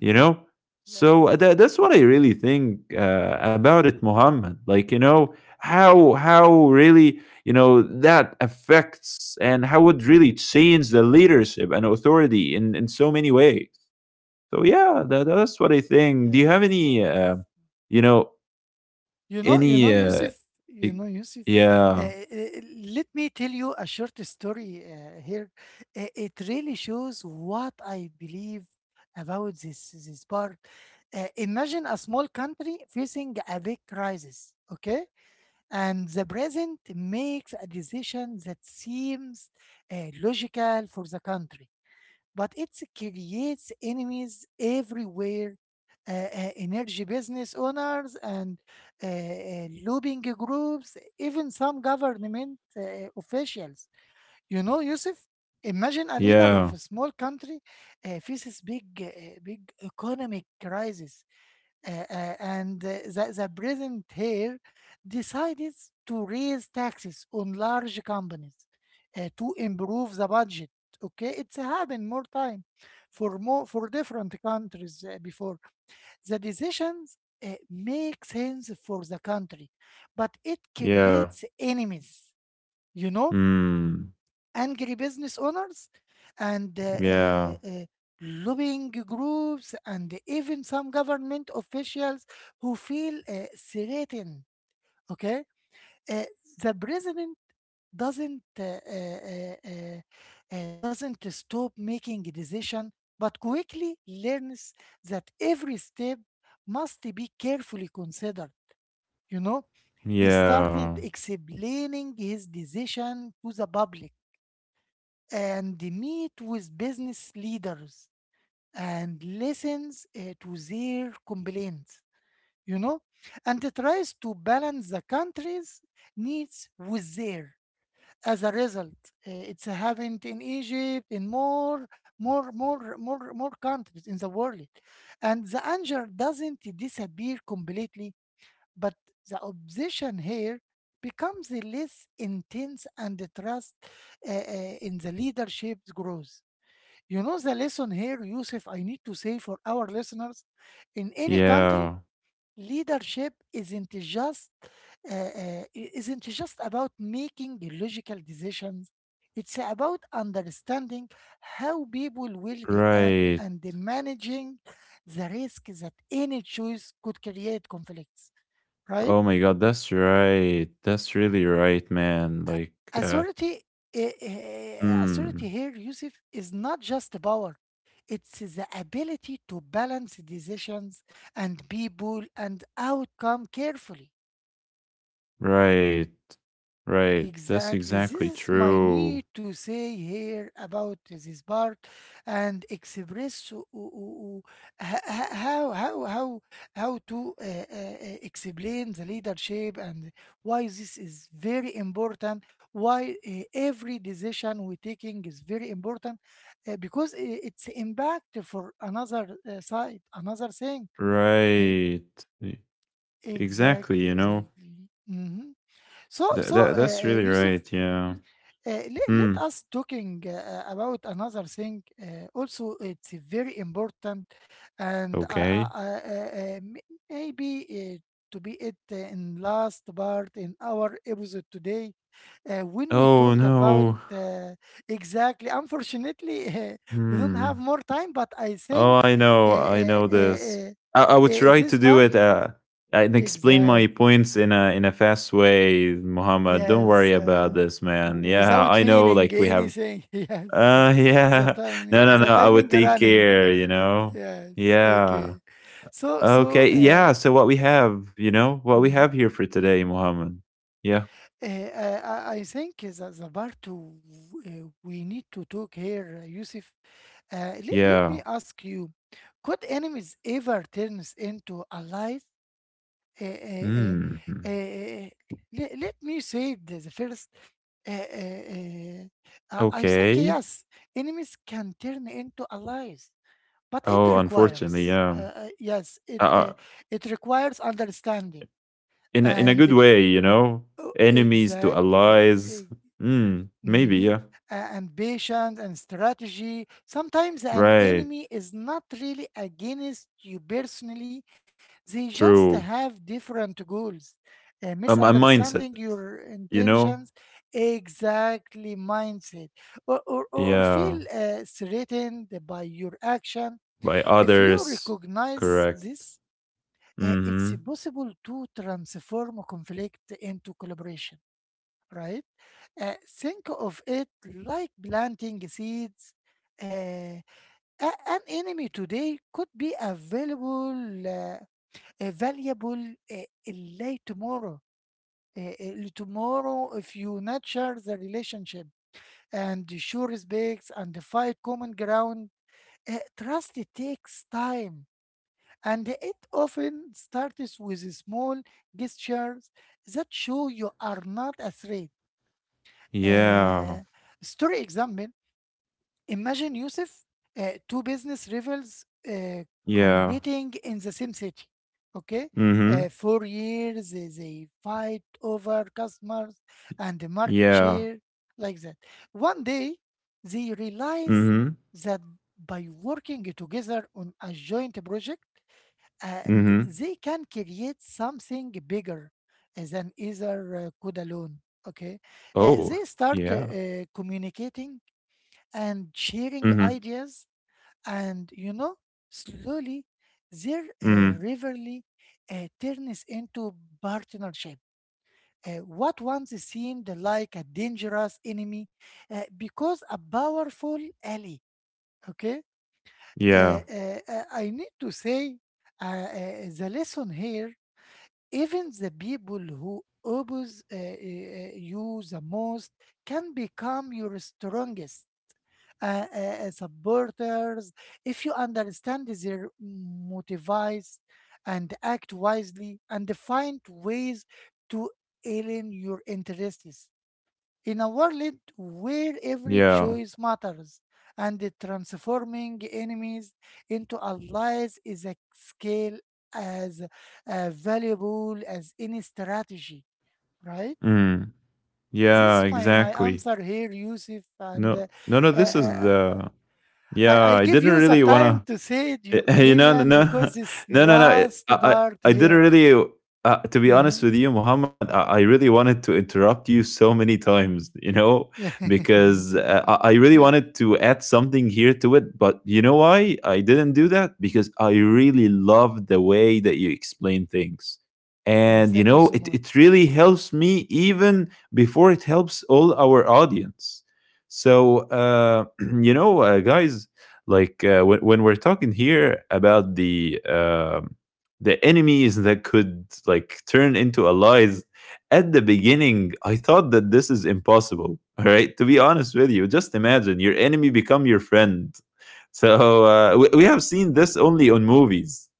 [SPEAKER 2] you know?
[SPEAKER 1] Yes.
[SPEAKER 2] So
[SPEAKER 1] Yes.
[SPEAKER 2] that's what I really think about it,
[SPEAKER 1] Mm-hmm.
[SPEAKER 2] Muhammad. Like, you know, how really, you know, that affects and how it really change the leadership and authority in so many ways. So yeah, that's what I think. Do you have
[SPEAKER 1] Yes.
[SPEAKER 2] any,
[SPEAKER 1] Yes.
[SPEAKER 2] you know,
[SPEAKER 1] You know, you
[SPEAKER 2] any,
[SPEAKER 1] know, Yusuf,
[SPEAKER 2] e-
[SPEAKER 1] you know, Yusuf,
[SPEAKER 2] yeah,
[SPEAKER 1] uh, uh, let me tell you a short story here. It really shows what I believe about this this part. Imagine a small country facing a big crisis, okay? And the president makes a decision that seems logical for the country, but it creates enemies everywhere. Energy business owners and lobbying groups, even some government officials. You know, Yusuf, imagine a leader
[SPEAKER 2] yeah,
[SPEAKER 1] of a small country faces big, big economic crisis and the president here decided to raise taxes on large companies to improve the budget. Okay, it's happened more time for more for different countries before. The decisions make sense for the country, but it
[SPEAKER 2] yeah,
[SPEAKER 1] creates enemies. You know,
[SPEAKER 2] mm,
[SPEAKER 1] angry business owners and
[SPEAKER 2] yeah,
[SPEAKER 1] lobbying groups and even some government officials who feel threatened. Okay, uh, the president doesn't uh, uh, uh, uh, doesn't stop making a decision, but quickly learns that every step must be carefully considered. You know, he started
[SPEAKER 2] yeah,
[SPEAKER 1] explaining his decision to the public and meet with business leaders and listens to their complaints, you know, and it tries to balance the country's needs with their. As a result, it's happened in Egypt, in more countries in the world, and the anger doesn't disappear completely, but the opposition here becomes less intense and the trust uh, uh, in the leadership grows. You know the lesson here, Yusuf, I need to say for our listeners in any country,
[SPEAKER 2] yeah.
[SPEAKER 1] leadership isn't just uh, isn't just about making logical decisions. It's about understanding how people will react
[SPEAKER 2] Right.
[SPEAKER 1] and managing the risk that any choice could create conflicts, right?
[SPEAKER 2] Oh my god, that's right. That's really right, man. Like,
[SPEAKER 1] A-
[SPEAKER 2] uh,
[SPEAKER 1] Authority, authority
[SPEAKER 2] mm,
[SPEAKER 1] here, Yusuf, is not just the power. It's the ability to balance decisions and people and outcome carefully.
[SPEAKER 2] right, right. That's
[SPEAKER 1] Exactly. This
[SPEAKER 2] exactly
[SPEAKER 1] is my
[SPEAKER 2] true.
[SPEAKER 1] need to say here about this part and express o- o- o- o- h- h- how to explain the leadership and why this is very important. Why every decision we taking is very important because it's impact for another side, another thing. E-
[SPEAKER 2] Right. E-
[SPEAKER 1] Exactly,
[SPEAKER 2] exactly, you know.
[SPEAKER 1] exactly. hmm
[SPEAKER 2] That, that that's really
[SPEAKER 1] Yusuf,
[SPEAKER 2] right, yeah.
[SPEAKER 1] let
[SPEAKER 2] Hmm.
[SPEAKER 1] us talking about another thing also it's very important and
[SPEAKER 2] Okay.
[SPEAKER 1] maybe to be it in last part in our episode today when we
[SPEAKER 2] Oh
[SPEAKER 1] talk about
[SPEAKER 2] no.
[SPEAKER 1] uh, exactly unfortunately [laughs] we don't have
[SPEAKER 2] Hmm.
[SPEAKER 1] more time, but I think
[SPEAKER 2] Oh,
[SPEAKER 1] uh,
[SPEAKER 2] I
[SPEAKER 1] uh,
[SPEAKER 2] know
[SPEAKER 1] uh,
[SPEAKER 2] this.
[SPEAKER 1] uh,
[SPEAKER 2] I would try
[SPEAKER 1] this
[SPEAKER 2] to do
[SPEAKER 1] part
[SPEAKER 2] it and explain my
[SPEAKER 1] exactly.
[SPEAKER 2] points in a fast way, Muhammad. Don't worry
[SPEAKER 1] Yes,
[SPEAKER 2] about this, man. Yeah, I
[SPEAKER 1] without
[SPEAKER 2] know. Like
[SPEAKER 1] feeling
[SPEAKER 2] we have.
[SPEAKER 1] anything. [laughs] Yes,
[SPEAKER 2] [laughs]
[SPEAKER 1] the
[SPEAKER 2] Yeah. No, no, no. I
[SPEAKER 1] timing
[SPEAKER 2] would take
[SPEAKER 1] running.
[SPEAKER 2] care. You know.
[SPEAKER 1] Yes,
[SPEAKER 2] Yeah.
[SPEAKER 1] okay. So,
[SPEAKER 2] Okay.
[SPEAKER 1] so,
[SPEAKER 2] Yeah.
[SPEAKER 1] uh,
[SPEAKER 2] So what we have, you know, what we have
[SPEAKER 1] mhm.
[SPEAKER 2] here for today, Muhammad. Yeah.
[SPEAKER 1] I think that the part two we need to talk here, Yusuf. Let me
[SPEAKER 2] Yeah.
[SPEAKER 1] ask you, could enemies ever turn into allies? uh, uh, uh,
[SPEAKER 2] Hmm.
[SPEAKER 1] uh, let me say the first. Uh, uh, uh, I think
[SPEAKER 2] Okay.
[SPEAKER 1] yes, enemies can turn into allies, but it
[SPEAKER 2] Oh, unfortunately,
[SPEAKER 1] requires
[SPEAKER 2] yeah.
[SPEAKER 1] yes,
[SPEAKER 2] I, I
[SPEAKER 1] it requires understanding
[SPEAKER 2] in a
[SPEAKER 1] and
[SPEAKER 2] good
[SPEAKER 1] the-
[SPEAKER 2] way, you know,
[SPEAKER 1] oh,
[SPEAKER 2] enemies to
[SPEAKER 1] exactly.
[SPEAKER 2] allies. Mm, maybe,
[SPEAKER 1] Mm-hmm.
[SPEAKER 2] yeah.
[SPEAKER 1] And patience and strategy. Sometimes an
[SPEAKER 2] Right.
[SPEAKER 1] enemy is not really against you personally, they just
[SPEAKER 2] True.
[SPEAKER 1] have different goals.
[SPEAKER 2] A mindset,
[SPEAKER 1] Misunderstanding your
[SPEAKER 2] you know?
[SPEAKER 1] intentions, exactly mindset, or
[SPEAKER 2] Yeah.
[SPEAKER 1] feel threatened by your action.
[SPEAKER 2] By
[SPEAKER 1] If you
[SPEAKER 2] others.
[SPEAKER 1] recognize
[SPEAKER 2] Correct.
[SPEAKER 1] this, it's
[SPEAKER 2] Mm-hmm.
[SPEAKER 1] possible to transform conflict into collaboration, right? Think of it like planting seeds. Uh, an enemy today could be available, a valuable late tomorrow. Tomorrow, if you nurture the relationship and show respects and fight common ground, trust it takes time, and it often starts with small gestures that show you are not afraid.
[SPEAKER 2] Yeah.
[SPEAKER 1] Uh, Story example. Imagine, Yusuf, two business rivals uh,
[SPEAKER 2] Yeah.
[SPEAKER 1] competing in the same city. Okay,
[SPEAKER 2] Mm-hmm.
[SPEAKER 1] for years they fight over customers and the market
[SPEAKER 2] Yeah.
[SPEAKER 1] share, like that. One day they realize
[SPEAKER 2] Mm-hmm.
[SPEAKER 1] that by working together on a joint project, and
[SPEAKER 2] Mm-hmm.
[SPEAKER 1] they can create something bigger than either could alone. Okay. Uh,
[SPEAKER 2] Oh,
[SPEAKER 1] they start uh,
[SPEAKER 2] yeah.
[SPEAKER 1] uh, communicating and sharing
[SPEAKER 2] Mm-hmm.
[SPEAKER 1] ideas, and you know, slowly their
[SPEAKER 2] Mm-hmm.
[SPEAKER 1] rivalry turns into partnership. What once seemed like a dangerous enemy because a powerful ally. Okay. Uh,
[SPEAKER 2] Yeah.
[SPEAKER 1] I need to say the lesson here. Even the people who oppose you the most can become your strongest uh, uh, supporters if you understand their motives and act wisely and find ways to align your interests in a world where every
[SPEAKER 2] Yeah.
[SPEAKER 1] choice matters, and the transforming enemies into allies is a skill as valuable as any strategy, right?
[SPEAKER 2] Mm. Yeah,
[SPEAKER 1] This is my
[SPEAKER 2] exactly.
[SPEAKER 1] answer here, Yusuf,
[SPEAKER 2] No,
[SPEAKER 1] and
[SPEAKER 2] no, no,
[SPEAKER 1] uh,
[SPEAKER 2] this is
[SPEAKER 1] uh,
[SPEAKER 2] the.
[SPEAKER 1] I,
[SPEAKER 2] Yeah,
[SPEAKER 1] I
[SPEAKER 2] I
[SPEAKER 1] give
[SPEAKER 2] didn't
[SPEAKER 1] you the
[SPEAKER 2] really
[SPEAKER 1] time
[SPEAKER 2] wanna.
[SPEAKER 1] to say it, your
[SPEAKER 2] [laughs] You know, no,
[SPEAKER 1] opinion,
[SPEAKER 2] no,
[SPEAKER 1] because
[SPEAKER 2] [laughs]
[SPEAKER 1] this
[SPEAKER 2] no, no, no.
[SPEAKER 1] last part
[SPEAKER 2] I didn't
[SPEAKER 1] here
[SPEAKER 2] really. To be honest
[SPEAKER 1] uh
[SPEAKER 2] with you, Muhammad, I really wanted to interrupt you so many times, you know,
[SPEAKER 1] [laughs] yes,
[SPEAKER 2] because I really wanted to add something here to it. But you know why I didn't do that? Because I really love the way that you explain things. And, you
[SPEAKER 1] thank you
[SPEAKER 2] know,
[SPEAKER 1] so
[SPEAKER 2] it,
[SPEAKER 1] much.
[SPEAKER 2] it really helps me even before it helps all our audience. So, [clears throat] you know, guys, like when we're talking here about the enemies that could like turn into allies at the beginning, I thought that this is impossible [laughs] all right, to be honest with you, just imagine your enemy become your friend. So we have seen this only on movies,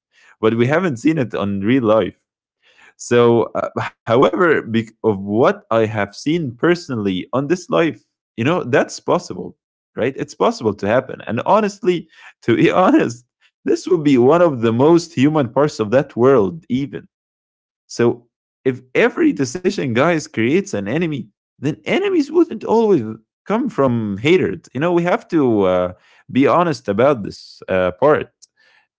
[SPEAKER 2] but we haven't seen it on real life. So, however, bec of what I have seen personally on this life, you know, that's possible, right? It's possible to happen. And honestly, to be [laughs] honest, this would be one of the most human parts of that world, even. So, if every decision, guys, creates an enemy, then enemies wouldn't always come from hatred. You know, we have to be honest about this part,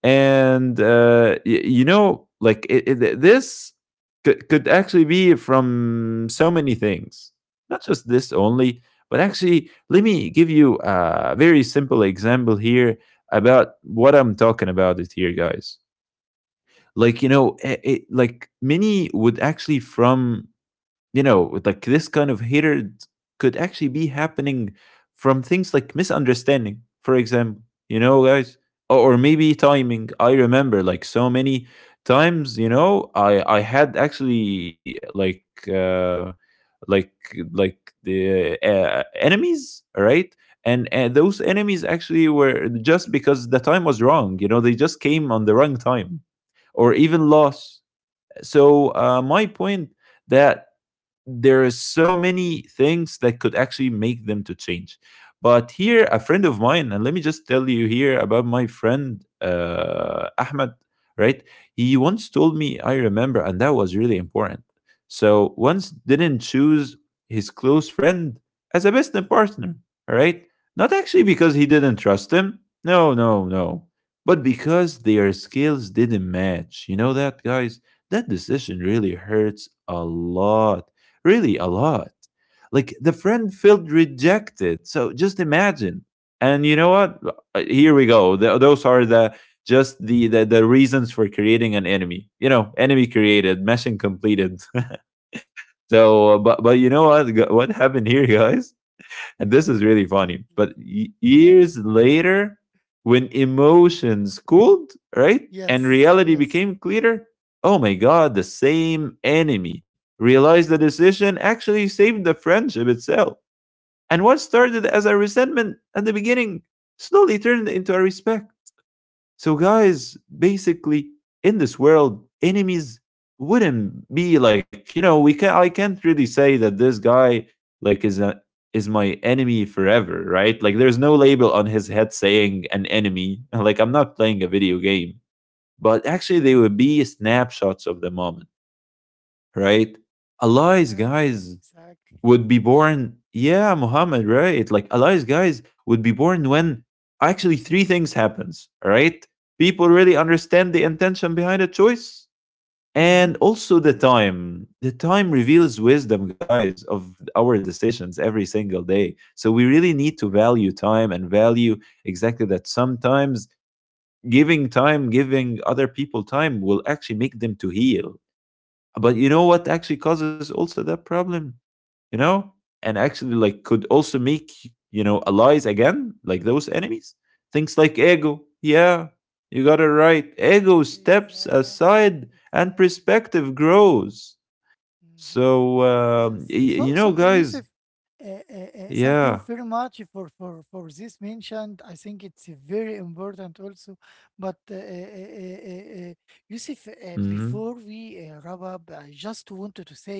[SPEAKER 2] and you know, like this could actually be from so many things, not just this only. But actually, let me give you a very simple example here about what I'm talking about it here, guys. Like, you know, like, many would actually from, you know, like this kind of hatred could actually be happening from things like misunderstanding, for example, you know, guys, or maybe timing. I remember like so many times, you know, I had actually uh, like the enemies, all right. And those enemies actually were just because the time was wrong. You know, they just came on the wrong time, or even loss. So, my point, that there is so many things that could actually make them to change. But here, a friend of mine, and let me just tell you here about my friend, Ahmed, right? He once told me, I remember, and that was really important. So once didn't choose his close friend as a business partner, all right, not actually because he didn't trust him, no, no, no, but because their skills didn't match. You know that, guys, that decision really hurts a lot. Really, a lot. Like, the friend felt rejected. So just imagine. And you know what? Here we go. Th Those are the just the reasons for creating an enemy. You know, enemy created, mission completed. [laughs] So, but you know what? What happened here, guys? And this is
[SPEAKER 1] Yes,
[SPEAKER 2] really funny. But
[SPEAKER 1] exactly. Yes,
[SPEAKER 2] years later,
[SPEAKER 1] [laughs]
[SPEAKER 2] when emotions cooled, right? And
[SPEAKER 1] yes,
[SPEAKER 2] reality
[SPEAKER 1] yes,
[SPEAKER 2] became clearer, oh my God, the same enemy realized the decision actually saved the friendship itself. And what started as a resentment at the beginning slowly turned into a respect. So, guys, basically, in this world, enemies wouldn't be like, you know, we can, I can't really say that this guy like is a is my enemy forever, right? Like, there's no label on his head saying an enemy. [laughs] Like, I'm not playing a video game, but actually, they would be snapshots of the moment, right? Allies,
[SPEAKER 1] exactly,
[SPEAKER 2] guys,
[SPEAKER 1] exactly.
[SPEAKER 2] would be
[SPEAKER 1] Mm-hmm.
[SPEAKER 2] born, yeah, Muhammad, right? Like, eli's, guys, would be born when actually three things happens, all right. People really understand the intention behind a choice, and
[SPEAKER 1] Mm-hmm.
[SPEAKER 2] also the time, the time reveals
[SPEAKER 1] Yes,
[SPEAKER 2] wisdom, guys, of our decisions every single day. So we really need to value time and value exactly that sometimes giving time, giving other people time will actually make them to heal. But you know what actually causes also that problem? You know? And actually, like, could also make, you know, allies again, like those enemies. Things like ego. Yeah, you got it right. Ego steps
[SPEAKER 1] exactly,
[SPEAKER 2] aside and
[SPEAKER 1] exactly.
[SPEAKER 2] perspective grows.
[SPEAKER 1] Mm-hmm.
[SPEAKER 2] So
[SPEAKER 1] Yes. So,
[SPEAKER 2] you know,
[SPEAKER 1] so
[SPEAKER 2] guys.
[SPEAKER 1] Yusuf, thank
[SPEAKER 2] Yeah.
[SPEAKER 1] you very much for this mentioned. I think it's very important also. But Yusuf, before
[SPEAKER 2] Hmm.
[SPEAKER 1] we wrap up, I just wanted to say,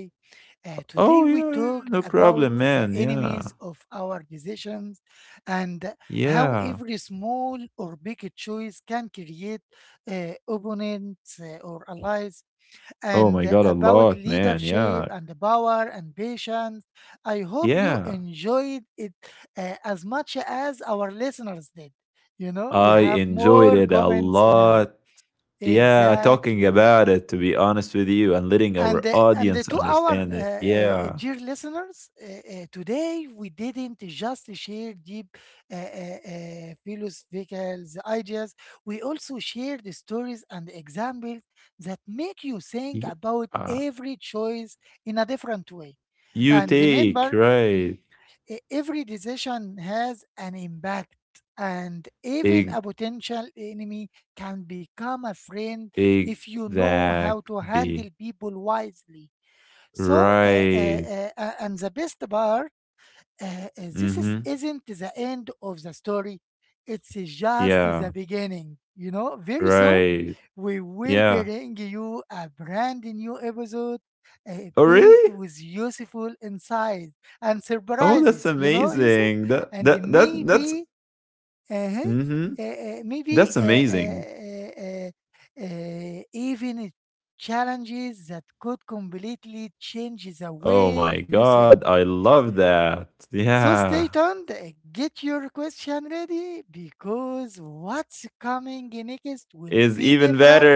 [SPEAKER 1] Today
[SPEAKER 2] Oh yeah,
[SPEAKER 1] we
[SPEAKER 2] yeah, yeah. No
[SPEAKER 1] talked
[SPEAKER 2] problem,
[SPEAKER 1] about
[SPEAKER 2] man.
[SPEAKER 1] the
[SPEAKER 2] Yeah,
[SPEAKER 1] enemies of our decisions and how
[SPEAKER 2] yeah.
[SPEAKER 1] every small or big choice can create opponents or allies,
[SPEAKER 2] Oh my
[SPEAKER 1] and
[SPEAKER 2] god, a
[SPEAKER 1] about
[SPEAKER 2] lot, man.
[SPEAKER 1] leadership
[SPEAKER 2] Yeah,
[SPEAKER 1] and power and patience. I hope you
[SPEAKER 2] yeah.
[SPEAKER 1] enjoyed it as much as our listeners did. You know, we
[SPEAKER 2] I
[SPEAKER 1] have
[SPEAKER 2] enjoyed
[SPEAKER 1] more
[SPEAKER 2] it a
[SPEAKER 1] comments now.
[SPEAKER 2] lot. Yeah, talking
[SPEAKER 1] Exactly.
[SPEAKER 2] about it, to be honest with you, and letting
[SPEAKER 1] and
[SPEAKER 2] our
[SPEAKER 1] uh, and uh,
[SPEAKER 2] audience
[SPEAKER 1] to our
[SPEAKER 2] understand it. Yeah.
[SPEAKER 1] dear listeners, today we didn't just share deep philosophical ideas, we also shared stories and examples that make you think about
[SPEAKER 2] Yeah.
[SPEAKER 1] every choice in a different way.
[SPEAKER 2] You
[SPEAKER 1] And
[SPEAKER 2] take,
[SPEAKER 1] remember,
[SPEAKER 2] right.
[SPEAKER 1] every decision has an impact, and even
[SPEAKER 2] Eg-
[SPEAKER 1] a potential enemy can become a friend if you know how to handle
[SPEAKER 2] Exactly.
[SPEAKER 1] people wisely. so, uh, uh,
[SPEAKER 2] Right.
[SPEAKER 1] uh, uh, and the best part, this
[SPEAKER 2] Mm-hmm.
[SPEAKER 1] isn't the end of the story. It's just the
[SPEAKER 2] Yeah.
[SPEAKER 1] beginning. You know, very soon
[SPEAKER 2] Right.
[SPEAKER 1] we will
[SPEAKER 2] Yeah.
[SPEAKER 1] bring you a brand new episode uh,
[SPEAKER 2] Oh,
[SPEAKER 1] packed
[SPEAKER 2] really?
[SPEAKER 1] with useful insights and
[SPEAKER 2] Oh, that's
[SPEAKER 1] surprises. You know, Yusuf,
[SPEAKER 2] amazing. That
[SPEAKER 1] and
[SPEAKER 2] that that that's
[SPEAKER 1] maybe uh-huh.
[SPEAKER 2] mm-hmm.
[SPEAKER 1] Uh, uh, maybe
[SPEAKER 2] That's
[SPEAKER 1] uh,
[SPEAKER 2] amazing.
[SPEAKER 1] uh, uh, uh, even it challenges that could completely change the
[SPEAKER 2] Oh my
[SPEAKER 1] way you
[SPEAKER 2] god,
[SPEAKER 1] think.
[SPEAKER 2] I love that.
[SPEAKER 1] So
[SPEAKER 2] Yeah.
[SPEAKER 1] stay tuned, get your question ready, because what's coming next will
[SPEAKER 2] Is
[SPEAKER 1] be
[SPEAKER 2] even
[SPEAKER 1] different,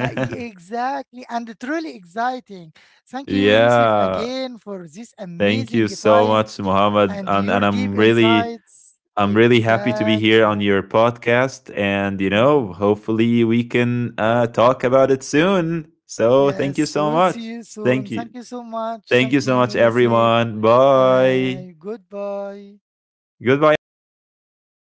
[SPEAKER 2] [laughs]
[SPEAKER 1] exactly, and truly exciting. Thank you, Yusuf,
[SPEAKER 2] Yeah.
[SPEAKER 1] again for this
[SPEAKER 2] Thank you
[SPEAKER 1] amazing
[SPEAKER 2] so
[SPEAKER 1] time
[SPEAKER 2] much, Muhammad,
[SPEAKER 1] and
[SPEAKER 2] and
[SPEAKER 1] your deep insights.
[SPEAKER 2] I'm really happy to be here on
[SPEAKER 1] Exactly.
[SPEAKER 2] your podcast, and you know,
[SPEAKER 1] Mhm.
[SPEAKER 2] hopefully we can talk about it soon. So thank you
[SPEAKER 1] Yes,
[SPEAKER 2] so
[SPEAKER 1] we'll see
[SPEAKER 2] much.
[SPEAKER 1] you soon.
[SPEAKER 2] Thank you,
[SPEAKER 1] Thank you so much.
[SPEAKER 2] Thank you
[SPEAKER 1] Thank
[SPEAKER 2] so
[SPEAKER 1] you,
[SPEAKER 2] much,
[SPEAKER 1] Yusuf.
[SPEAKER 2] everyone. Bye.
[SPEAKER 1] And goodbye.
[SPEAKER 2] Goodbye, everyone.